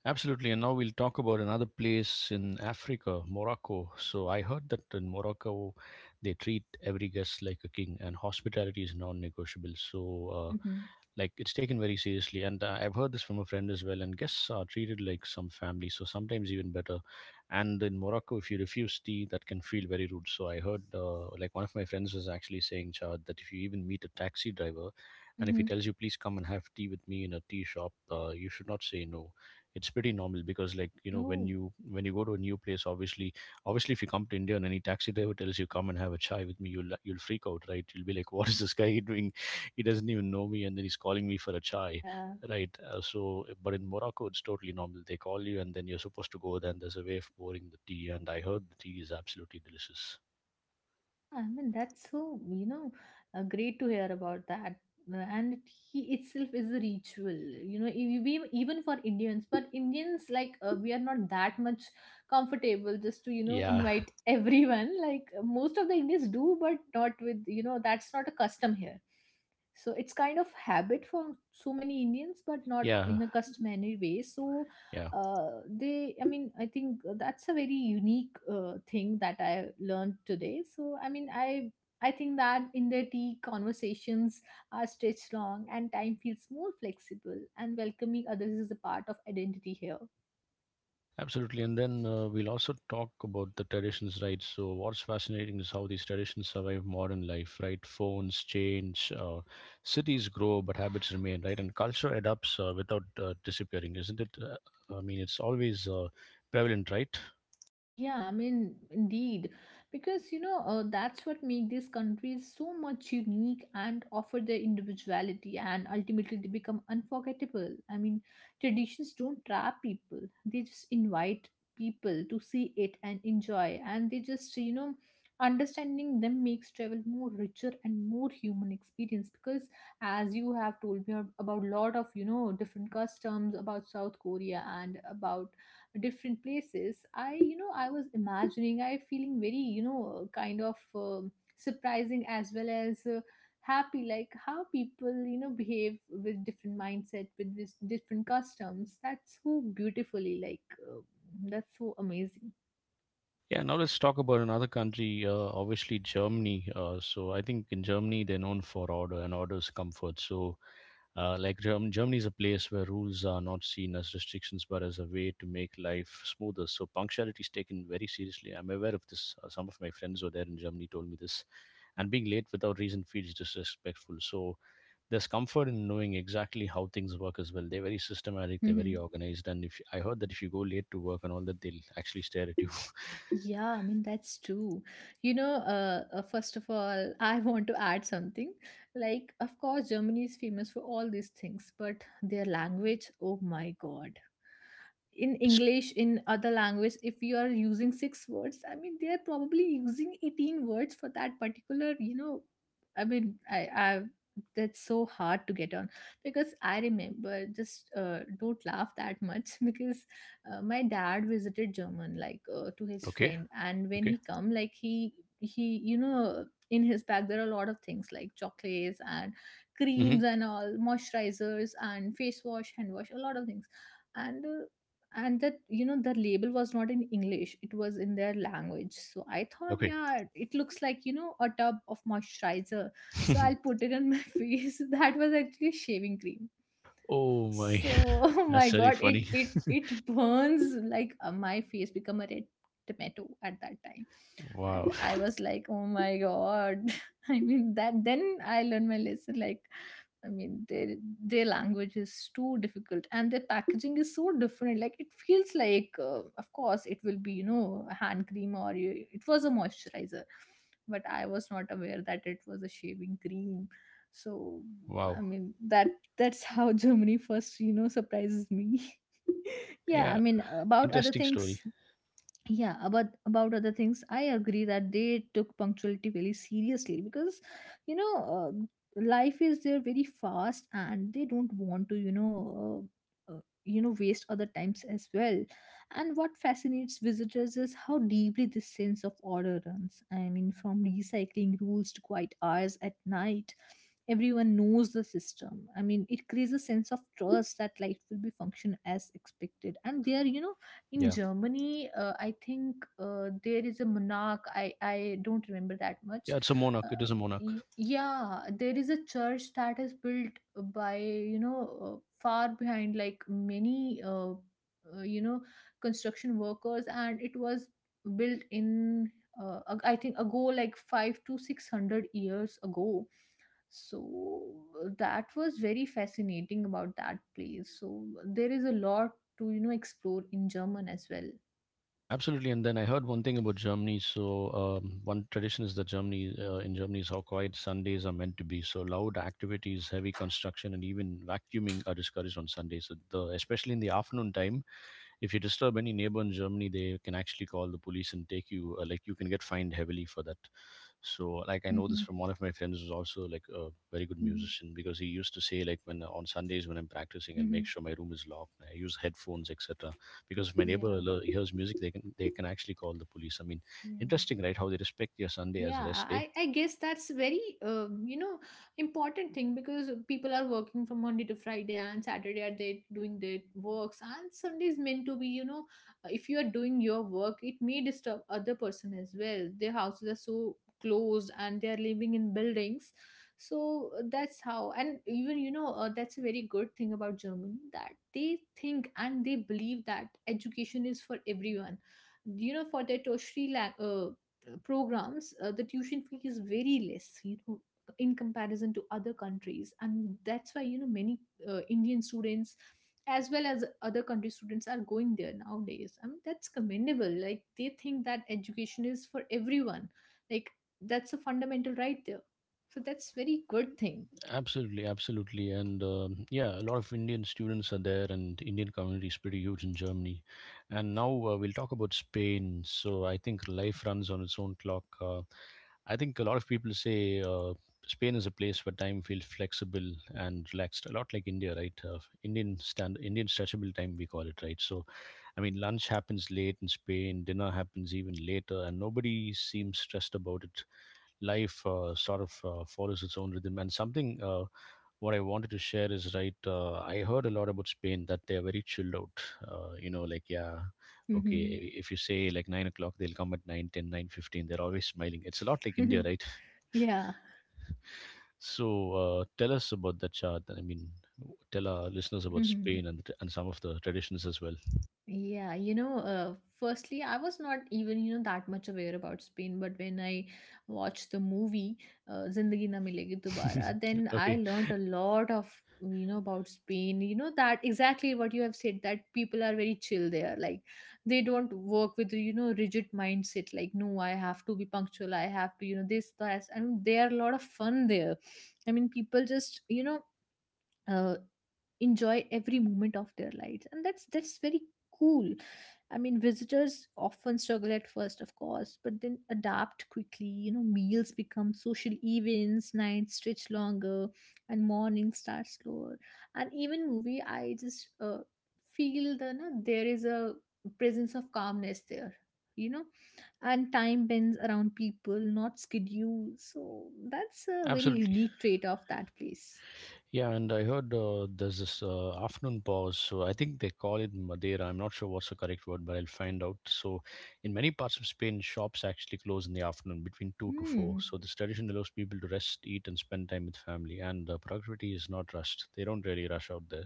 Absolutely. And now we'll talk about another place in Africa, Morocco. So I heard that in Morocco, they treat every guest like a king, and hospitality is non negotiable. So, uh, Mm-hmm. like, it's taken very seriously. And I've heard this from a friend as well. And guests are treated like some family, so sometimes even better. And in Morocco, if you refuse tea, that can feel very rude. So I heard, like, one of my friends was actually saying, Chad, that if you even meet a taxi driver and if he Mm-hmm. tells you, please come and have tea with me in a tea shop, you should not say no. It's pretty normal, because like, when Oh, you when you go to a new place, obviously, obviously if you come to India and any taxi driver tells you come and have a chai with me, you'll freak out, right? You'll be like, what is this guy doing? He doesn't even know me, and then he's calling me for a chai, yeah. right? So, but in Morocco it's totally normal. They call you and then you're supposed to go there, and there's a way of pouring the tea, and I heard the tea is absolutely delicious. Yeah, I mean, that's so, you know, great to hear about that. And he itself is a ritual, you know, even for Indians. But Indians, like, we are not that much comfortable just to, you know, Yeah, invite everyone. Like, most of the Indians do, but not with, you know, that's not a custom here. So it's kind of habit for so many Indians, but not yeah, in a customary way. So yeah. They, I mean, I think that's a very unique thing that I learned today. So I mean I think that in their tea conversations are stretched long, and time feels more flexible, and welcoming others is a part of identity here. Absolutely, and then we'll also talk about the traditions, right? So, what's fascinating is how these traditions survive modern life, right? Phones change, cities grow, but habits remain, right? And culture adapts without disappearing, isn't it? I mean, it's always prevalent, right? Yeah, I mean, indeed, because you know, that's what make these countries so much unique and offer their individuality, and ultimately they become unforgettable. I mean, traditions don't trap people; they just invite people to see it and enjoy, and they just, you know, understanding them makes travel more richer and more human experience, because as you have told me about lot of, you know, different customs about South Korea and about different places, I, you know, I was imagining I feeling very, you know, kind of, surprising as well as, happy, like how people, you know, behave with different mindset with this different customs. That's so beautifully, like, that's so amazing. Yeah, now let's talk about another country, obviously Germany. So, I think in Germany, they're known for order, and order is comfort. So, like Germany is a place where rules are not seen as restrictions but as a way to make life smoother. So punctuality is taken very seriously. I'm aware of this. Some of my friends who are there in Germany told me this. And being late without reason feels disrespectful. So there's comfort in knowing exactly how things work as well. They're very systematic, they're very Mhm. organized. And if I heard that if you go late to work and all that, they'll actually stare at you. Yeah, I mean that's true. First of all, I want to add something. Like of course Germany is famous for all these things, but their language, oh my god. In It's English, in other language, if you are using six words, I mean they are probably using 18 words for that particular. I mean I that's so hard to get on. Because I remember just, don't laugh that much. Because my dad visited German, like to his okay, friend, and when okay, he come, like he you know, in his bag there are a lot of things like chocolates and hmm creams and all, moisturizers and face wash, hand wash, a lot of things. And and that, you know, the label was not in English, it was in their language. So I thought, okay. yeah, it looks like, you know, a tub of moisturizer, so I'll put it on my face. That was actually shaving cream. Oh my, So oh my that's very god, it funny. it it burns. Like my face become a red tomato at that time. And Wow, I was like, oh my god. I mean, that, then I learned my lesson. Like I mean, their language is too difficult and their packaging is so different. Like it feels like, of course it will be, you know, a hand cream, or you, it was a moisturizer, but I was not aware that it was a shaving cream. So I wow. mean, that's how Germany first, you know, surprises me. Yeah, I Yeah, mean, about other interesting story. things, yeah, about other things. I agree that they took punctuality very seriously, because you know, life is there very fast, and they don't want to, uh, uh, you know, waste other times as well. And what fascinates visitors is how deeply this sense of order runs. I mean, from recycling rules to quiet hours at night, everyone knows the system. I mean, it creates a sense of trust that life will be function as expected. And they are, you know, in Yeah, Germany, I think there is a monarch. I don't remember that much. yeah. It's a monarch. Uh, It is a monarch. Yeah, there is a church that is built by, you know, uh, far behind, like many you know, construction workers, and it was built in, uh, I think ago, like 5 to 600 years ago. So that was very fascinating about that place. So there is a lot to, you know, explore in German as well. Absolutely, and then I heard one thing about Germany. So one tradition is that Germany, in Germany, is how quiet Sundays are meant to be. So loud activities, heavy construction, and even vacuuming are discouraged on Sundays. So the especially in the afternoon time, if you disturb any neighbor in Germany, they can actually call the police and take you. Like you can get fined heavily for that. So like I know this Hmm. from one of my friends who's also like a very good Hmm. musician, because he used to say like when on Sundays when I'm practicing, I'll Hmm. make sure my room is locked. I use headphones, etc. Because if my neighbor Yeah. Hears music, they can actually call the police. I mean, Yeah. Mm. interesting, right? How they respect your Sunday as Yeah, rest day. I guess that's very you know, important thing, because people are working from Monday to Friday, and Saturday are they doing their works, and Sunday is meant to be, you know, if you are doing your work, it may disturb other person as well. Their houses are so closed, and they are living in buildings. So that's how. And even, you know, that's a very good thing about Germany, that they think and they believe that education is for everyone. You know, for their tertiary programs, the tuition fee is very less, you know, in comparison to other countries. And that's why, you know, many Indian students, as well as other country students, are going there nowadays. I mean, that's commendable. Like, they think that education is for everyone. Like, that's a fundamental right there. So that's very good thing. Absolutely, absolutely, and yeah, a lot of Indian students are there, and Indian community is pretty huge in Germany. And now we'll talk about Spain. So I think life runs on its own clock. I think a lot of people say, Spain is a place where time feels flexible and relaxed, a lot like India, right? Indian stand, Indian stretchable time, we call it, right? So, I mean, lunch happens late in Spain, dinner happens even later, and nobody seems stressed about it. Life sort of follows its own rhythm, and something what I wanted to share is right. I heard a lot about Spain that they are very chilled out. Like, yeah, okay. If you say like 9 o'clock, they'll come at nine, ten, 9:15. They're always smiling. It's a lot like India, right? Yeah. So tell us about that chart. I mean, tell our listeners about Spain and some of the traditions as well. Yeah, you know, firstly, I was not even, you know, that much aware about Spain, but when I watched the movie, Zindagi Na Milegi Dobara, then I Okay, learned a lot of, you know, about Spain. You know, that exactly what you have said, that people are very chill there. Like, they don't work with, you know, rigid mindset, like, no, I have to be punctual, I have to, you know, this, that. I mean, they are a lot of fun there. I mean, people just, you know, uh, enjoy every moment of their lives. And that's very cool. I mean, visitors often struggle at first, of course, but then adapt quickly. You know, meals become social events, nights stretch longer, and mornings start slower. And even movie, I just, feel the na, there is a presence of calmness there, you know. And time bends around people, not schedule. So that's a very absolutely. unique trait of that place. Yeah, and I heard there's this afternoon pause. So I think they call it Madeira. I'm not sure what's the correct word, but I'll find out. So, in many parts of Spain, shops actually close in the afternoon between 2 to 4. Hmm. So, this tradition allows people to rest, eat, and spend time with family. And productivity is not rushed. They don't really rush out there.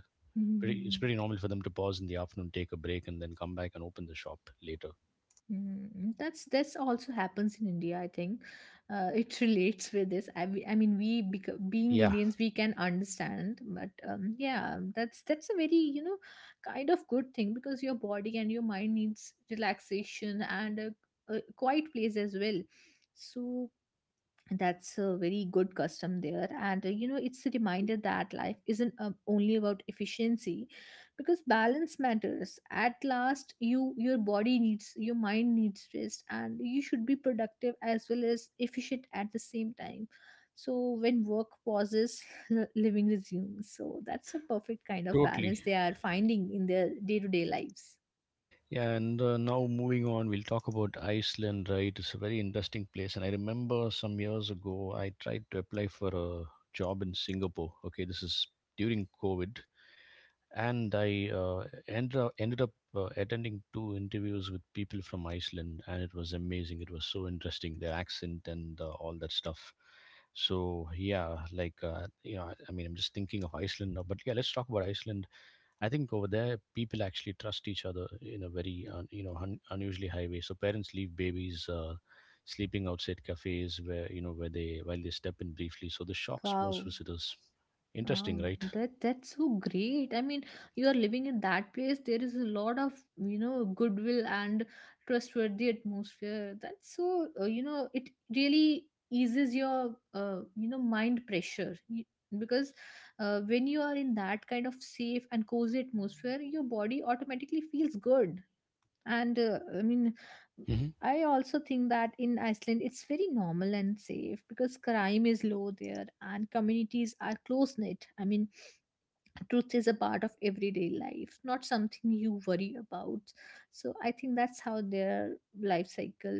Pretty, it's Mm. pretty normal for them to pause in the afternoon, take a break, and then come back and open the shop later. Mm, that's also happens in India, I think. It relates with this. I mean, being Yeah, Indians, we can understand. But yeah, that's a very, you know, kind of good thing, because your body and your mind needs relaxation, and a quiet place as well. So that's a very good custom there. And you know, it's a reminder that life isn't, only about efficiency, because balance matters. At last, you, your body needs, your mind needs rest, and you should be productive as well as efficient at the same time. So when work pauses, living resumes. So that's a perfect kind of totally. balance they are finding in their day-to-day lives. Yeah, and now moving on, we'll talk about Iceland, right? It's a very interesting place. And I remember some years ago, I tried to apply for a job in Singapore. Okay, this is during COVID. And I ended up attending two interviews with people from Iceland, and it was amazing. It was so interesting, their accent and all that stuff. So, yeah, like, I mean, I'm just thinking of Iceland now, but yeah, let's talk about Iceland. I think over there, people actually trust each other in a very un, you know un, unusually high way. So parents leave babies sleeping outside cafes where you know where they while they step in briefly. So this shocks most Wow. visitors. Interesting, Wow, right? that that's so great. I mean, you are living in that place. There is a lot of, you know, goodwill and trustworthy atmosphere. That's so, you know, it really eases your, you know, mind pressure. You, because when you are in that kind of safe and cozy atmosphere, your body automatically feels good. And I mean, Hmm. I also think that in Iceland it's very normal and safe, because crime is low there and communities are close knit. I mean, truth is a part of everyday life, not something you worry about. So I think that's how their life cycle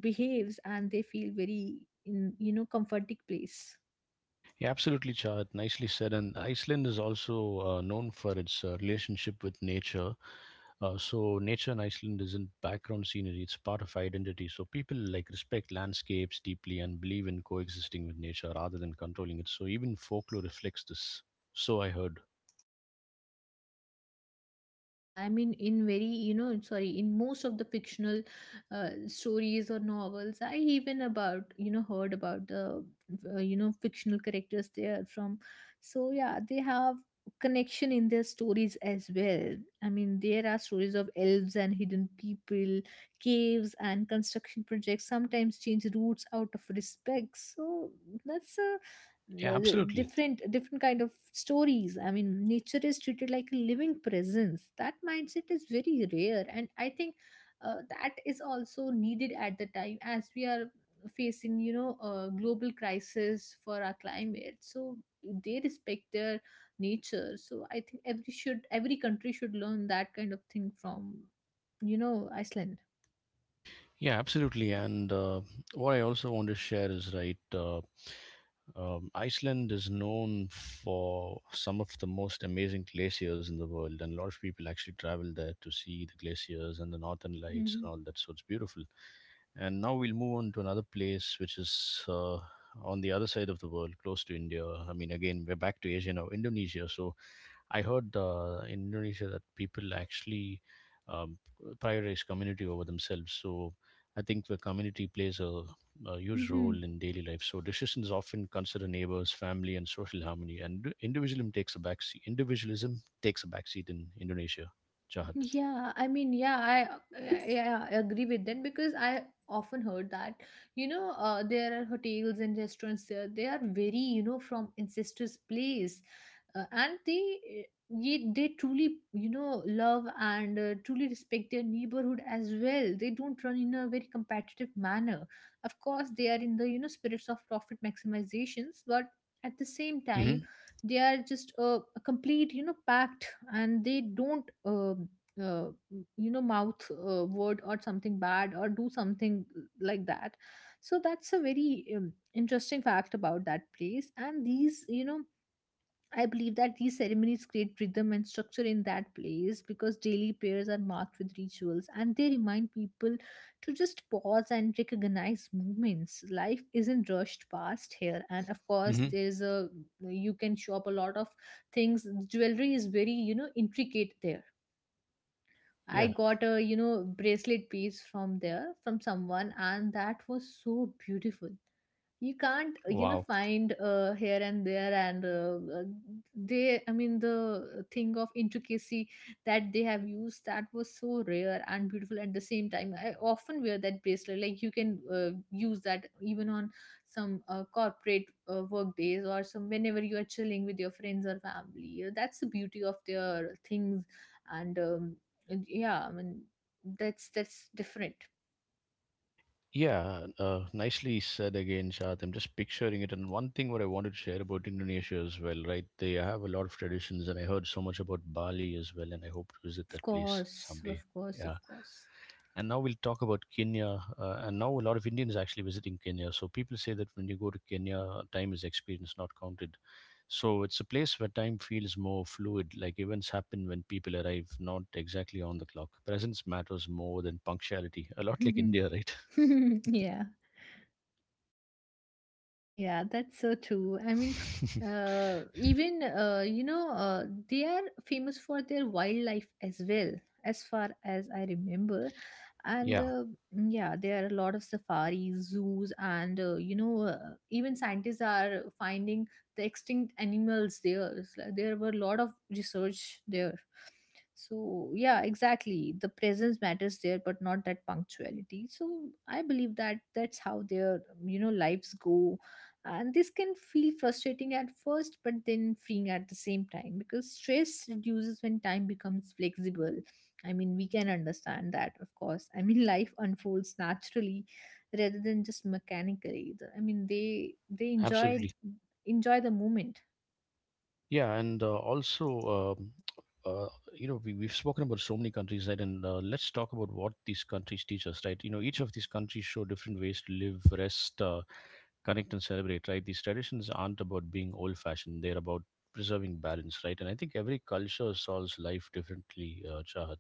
behaves, and they feel very, in, you know, comforting place. Yeah, absolutely, Chad. Nicely said. And Iceland is also known for its relationship with nature. So, nature in Iceland isn't background scenery, it's part of identity. So, people like respect landscapes deeply and believe in coexisting with nature rather than controlling it. So, even folklore reflects this. So, I heard. Yeah, I mean, in very, you know, sorry, in most of the fictional stories or novels, I even about, you know, heard about the, you know, fictional characters they are from. So, yeah, they have connection in their stories as well. I mean, there are stories of elves and hidden people, caves, and construction projects sometimes change routes out of respect. So that's a Yeah, n- absolutely. different different kind of stories. I mean, nature is treated like a living presence. That mindset is very rare, and I think that is also needed at the time, as we are facing, you know, a global crisis for our climate. So they respect their nature. So I think every country should learn that kind of thing from, you know, Iceland. Yeah, absolutely. And what I also want to share is right. Iceland is known for some of the most amazing glaciers in the world, and a lot of people actually travel there to see the glaciers and the northern lights and all that. So it's beautiful. And now we'll move on to another place, which is on the other side of the world, close to India. I mean, again, we're back to Asia now, Indonesia. So I heard in Indonesia that people actually um, prioritize community over themselves. So I think the community plays a huge role in daily life. So decisions often consider neighbors, family, and social harmony, and individualism takes a backseat. Individualism takes a backseat in Indonesia. Jahat. Yeah, I mean, yeah, I agree with them, because I often heard that, you know, there are hotels and restaurants there. They are very, you know, from ancestors' place, and they truly, you know, love and truly respect their neighborhood as well. They don't run in a very competitive manner. Of course, they are in the, you know, spirits of profit maximizations, but at the same Hmm, time, they are just a complete, you know, pact, and they don't. Uh, you know, mouth word or something bad, or do something like that. So that's a very interesting fact about that place. And these, you know, I believe that these ceremonies create rhythm and structure in that place, because daily prayers are marked with rituals, and they remind people to just pause and recognize moments. Life isn't rushed past here. And of course, hmm. there's a, you can shop a lot of things. Jewelry is very, you know, intricate there. I Yeah. got a, you know, bracelet piece from there from someone, and that was so beautiful. You can't, you know, Wow. find, here and there. And they, I mean the thing of intricacy that they have used, that was so rare and beautiful at the same time. I often wear that bracelet. Like, you can, use that even on some corporate work days, or some, whenever you are chilling with your friends or family. That's the beauty of their things. And yeah, I mean, that's different. Yeah, nicely said again, Shad. I'm just picturing it. And one thing what I wanted to share about Indonesia as well, right? They have a lot of traditions, and I heard so much about Bali as well, and I hope to visit Of that place course, someday. of course, of Yeah. course. And now we'll talk about Kenya. And now a lot of Indians actually visiting Kenya. So people say that when you go to Kenya, time is experience, not counted. So it's a place where time feels more fluid, like events happen when people arrive, not exactly on the clock. Presence matters more than punctuality, a lot like India, right? Yeah. Yeah, that's so true. I mean, even you know, they are famous for their wildlife as well, as far as I remember. And Yeah, mm, yeah, there are a lot of safaris, zoos, and you know, even scientists are finding the extinct animals there. It's like, there were a lot of research there. So yeah, exactly. The presence matters there, but not that punctuality. So I believe that that's how their, you know, lives go. And this can feel frustrating at first, but then freeing at the same time, because stress reduces when time becomes flexible. I mean, we can understand that, of course. I mean, life unfolds naturally rather than just mechanically. I mean they enjoy, absolutely. enjoy the moment. Yeah, and also, uh, we, we've spoken about so many countries, right? And let's talk about what these countries teach us, right? You know, each of these countries show different ways to live, rest, connect, and celebrate, right? These traditions aren't about being old fashioned, they're about preserving balance, right? And I think every culture solves life differently, Chahat.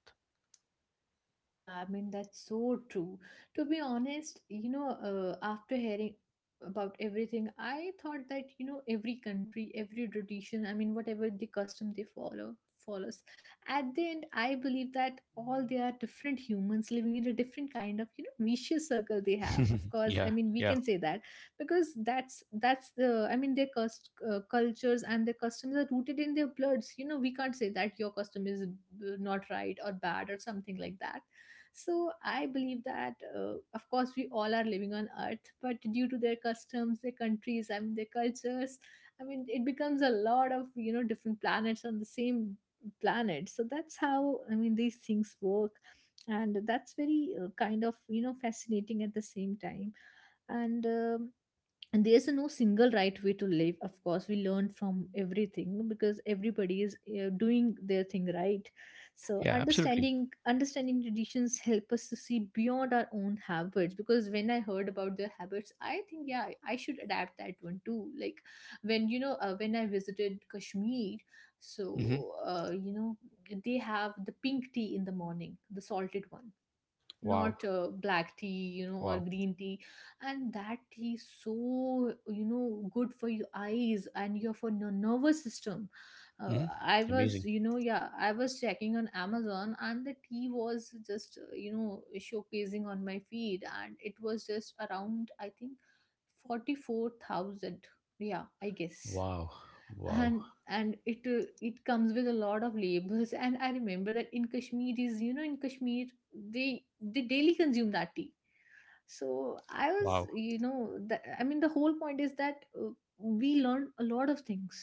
Yeah, I mean, that's so true. To be honest, you know, after hearing about everything, I thought that, you know, every country, every tradition, I mean, whatever the custom they follow, follows. At the end, I believe that all they are different humans living in a different kind of, you know, vicious circle they have. Of course, I Yeah, mean, we yeah, can say that, because that's the, I mean, their cust cultures, and their customs are rooted in their bloods. You know, we can't say that your custom is, not right or bad or something like that. So I believe that, of course, we all are living on Earth, but due to their customs, their countries, I mean, their cultures, I mean, it becomes a lot of, you know, different planets on the same planet. So that's how, I mean, these things work. And that's very, kind of, you know, fascinating at the same time. And um and there's no single right way to live. Of course, we learn from everything because everybody is doing their thing, right? So yeah, absolutely. understanding traditions help us to see beyond our own habits, because when I heard about their habits, I think, yeah, I should adapt that one too. Like, when you know when I visited Kashmir, Hmm. so they have the pink tea in the morning, the salted one, Wow, not black tea, you know, or wow. green tea. And that tea is so, you know, good for your eyes and your, for your nervous system. Hmm. I was, Amazing. you know, yeah, I was checking on Amazon and the tea was just, you know, showcasing on my feed, and it was just around, I think, 44,000, yeah, I guess. Wow, wow, And it, it comes with a lot of labels, and I remember that in Kashmir is, you know, in Kashmir they daily consume that tea. So I was, wow. you know, I mean, the whole point is that, we learn a lot of things,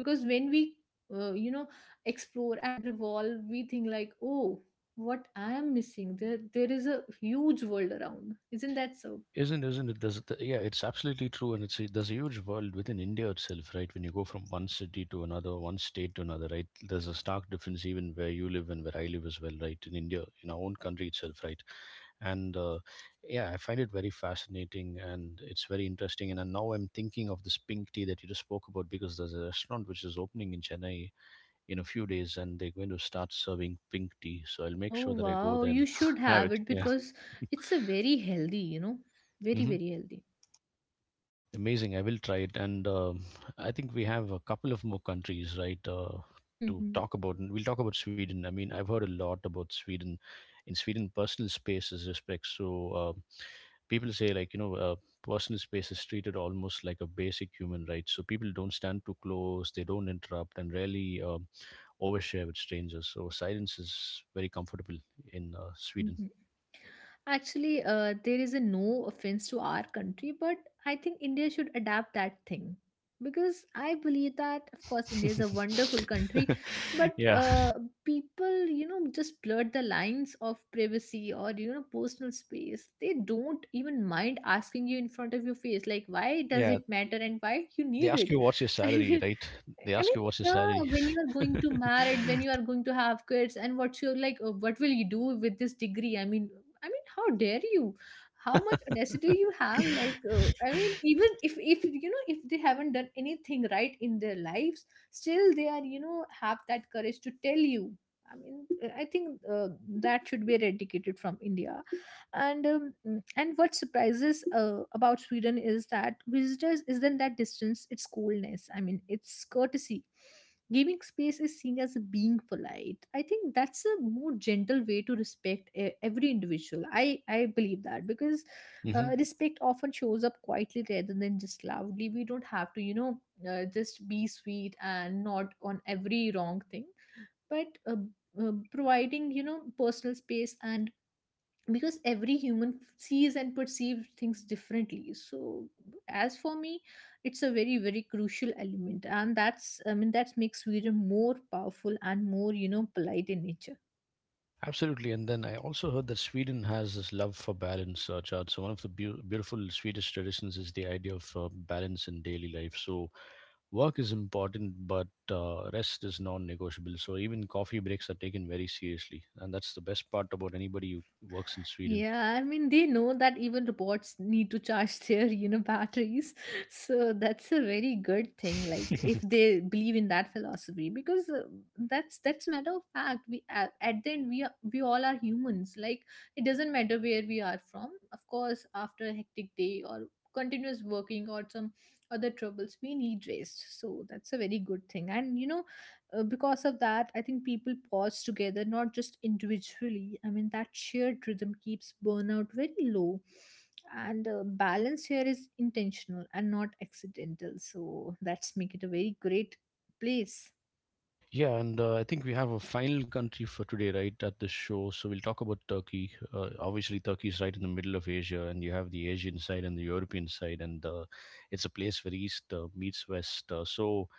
because when we, uh, you know explore and revolve, we think, like, oh, what I am missing. There is a huge world around, isn't that so? Isn't it? Yeah, it's absolutely true, and it's a, there's a huge world within India itself, right? When you go from one city to another, one state to another, right? There's a stark difference even where you live and where I live as well, right? In India, in our own country itself, right? And yeah, I find it very fascinating, and it's very interesting. And now I'm thinking of this pink tea that you just spoke about because there's a restaurant which is opening in Chennai in a few days, and they're going to start serving pink tea. So I'll make Oh, sure that I go wow, there you and should have have it. it Yeah. because it's a very healthy, you know, very, very healthy. Amazing. I will try it. And I think we have a couple of more countries, right, to Mhm, talk about. And we'll talk about Sweden. I mean, I've heard a lot about Sweden. In Sweden, personal space is respect. So uh, people say, like, you know, personal space is treated almost like a basic human right. So people don't stand too close, they don't interrupt, and rarely overshare with strangers. So silence is very comfortable in Sweden. mhm. Actually, there is a no offense to our country, but I think India should adapt that thing, because I believe that, of course, India is a wonderful country, but Yeah. People, you know, just blurred the lines of privacy or, you know, personal space. They don't even mind asking you in front of your face, like, why does Yeah, it matter and why you they need ask it? you what's your I salary, mean, right? They I ask mean, you what's your yeah, salary. when you are going to married, when you are going to have kids, and what's your, like, what will you do with this degree? I mean, how dare you? How much audacity you have? Like, I mean, even if you know, if they haven't done anything right in their lives, still they are, you know, have that courage to tell you. I mean, I think that should be eradicated from India. And what surprises about Sweden is that visitors isn't that distance, it's coolness, I mean, it's courtesy. Giving space is seen as being polite. I think that's a more gentle way to respect every individual. I believe that because Hmm. Respect often shows up quietly rather than just loudly. We don't have to, you know, just be sweet and not on every wrong thing. But providing, you know, personal space, and because every human sees and perceives things differently. So as for me, it's a very, very crucial element, and that's, I mean, that makes Sweden more powerful and more, you know, polite in nature. Absolutely. And then I also heard that Sweden has this love for balance, Chad. So, one of the beau beautiful Swedish traditions is the idea of balance in daily life. So, work is important, but rest is non negotiable. So, even coffee breaks are taken very seriously. And that's the best part about anybody who works in Sweden. Yeah, I mean, they know that even robots need to charge their, you know, batteries. So that's a very good thing. Like, if they believe in that philosophy, because that's matter of fact. We at the end, we are, we all are humans. Like, it doesn't matter where we are from. Of course, after a hectic day or continuous working or some other troubles, we need rest. So that's a very good thing. And you know, because of that, I think people pause together, not just individually. I mean, that shared rhythm keeps burnout very low. And balance here is intentional and not accidental. So that's make it a very great place. Yeah, and I think we have a final country for today, right, at this show. So we'll talk about Turkey. Obviously, Turkey is right in the middle of Asia, and you have the Asian side and the European side, and it's a place where East meets West. Uh, so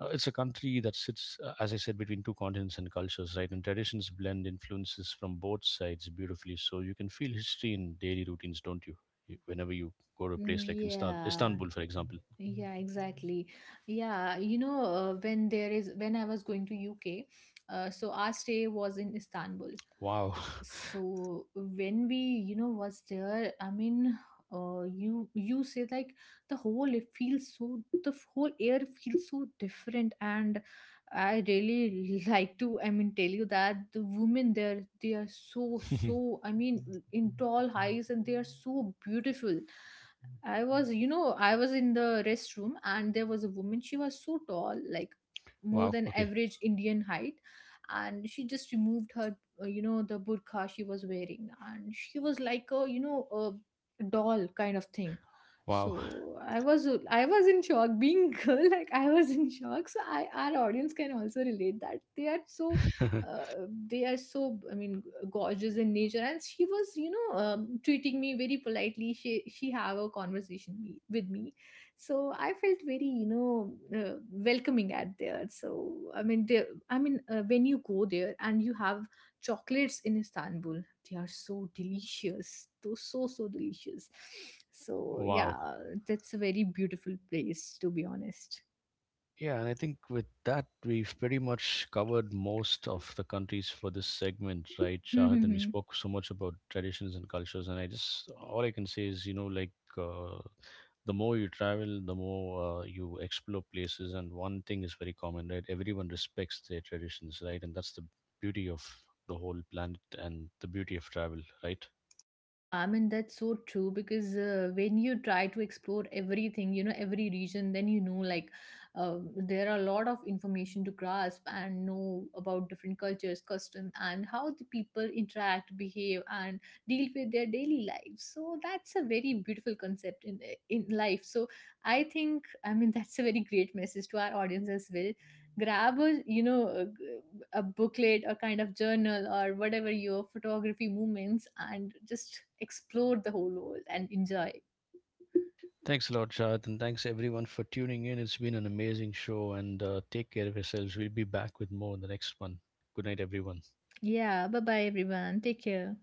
uh, it's a country that sits, as I said, between two continents and cultures, right? And traditions blend influences from both sides beautifully. So you can feel history in daily routines, don't you? Whenever you go to a place like Yeah. Istanbul, for example. Yeah, exactly. Yeah, you know, when there is when I was going to UK, so our stay was in Istanbul. Wow. So when we, you know, was there, I mean, you you say, like, the whole, it feels so, the whole air feels so different. And I really like to, I mean, tell you that the women there, they are so, so, I mean, in tall highs, and they are so beautiful. I was, you know, I was in the restroom, and there was a woman, she was so tall, like more Wow. than Okay. average Indian height. And she just removed her, the burqa she was wearing, and she was like a, you know, a doll kind of thing. Wow. So I was, I was in shock being girl like, I was in shock. So I, our audience can also relate that they are so uh, they are so, I mean, gorgeous in nature. And she was, you know, treating me very politely. She have a conversation me, with me. So I felt very, you know, welcoming at there. So I mean, there, I mean, when you go there and you have chocolates in Istanbul. They are so delicious. Those so, so delicious. So yeah, Wow. that's a very beautiful place, to be honest. Yeah, and I think with that, we've pretty much covered most of the countries for this segment, right, Shahid? And we spoke so much about traditions and cultures. And I just, all I can say is, you know, like uh, the more you travel, the more you explore places. And one thing is very common, right? Everyone respects their traditions, right? And that's the beauty of the whole planet and the beauty of travel, right? Yeah, I mean, that's so true, because when you try to explore everything, you know, every region, then, you know, like, uh, there are a lot of information to grasp and know about different cultures, custom, and how the people interact, behave, and deal with their daily lives. So that's a very beautiful concept in in life. So I think, I mean, that's a very great message to our audience as well. Grab a, you know, a booklet or kind of journal or whatever your photography moments, and just explore the whole world and enjoy. Thanks a lot, Shad, and thanks everyone for tuning in. It's been an amazing show, and take care of yourselves. We'll be back with more in the next one. Good night, everyone. Yeah, bye bye everyone. Take care.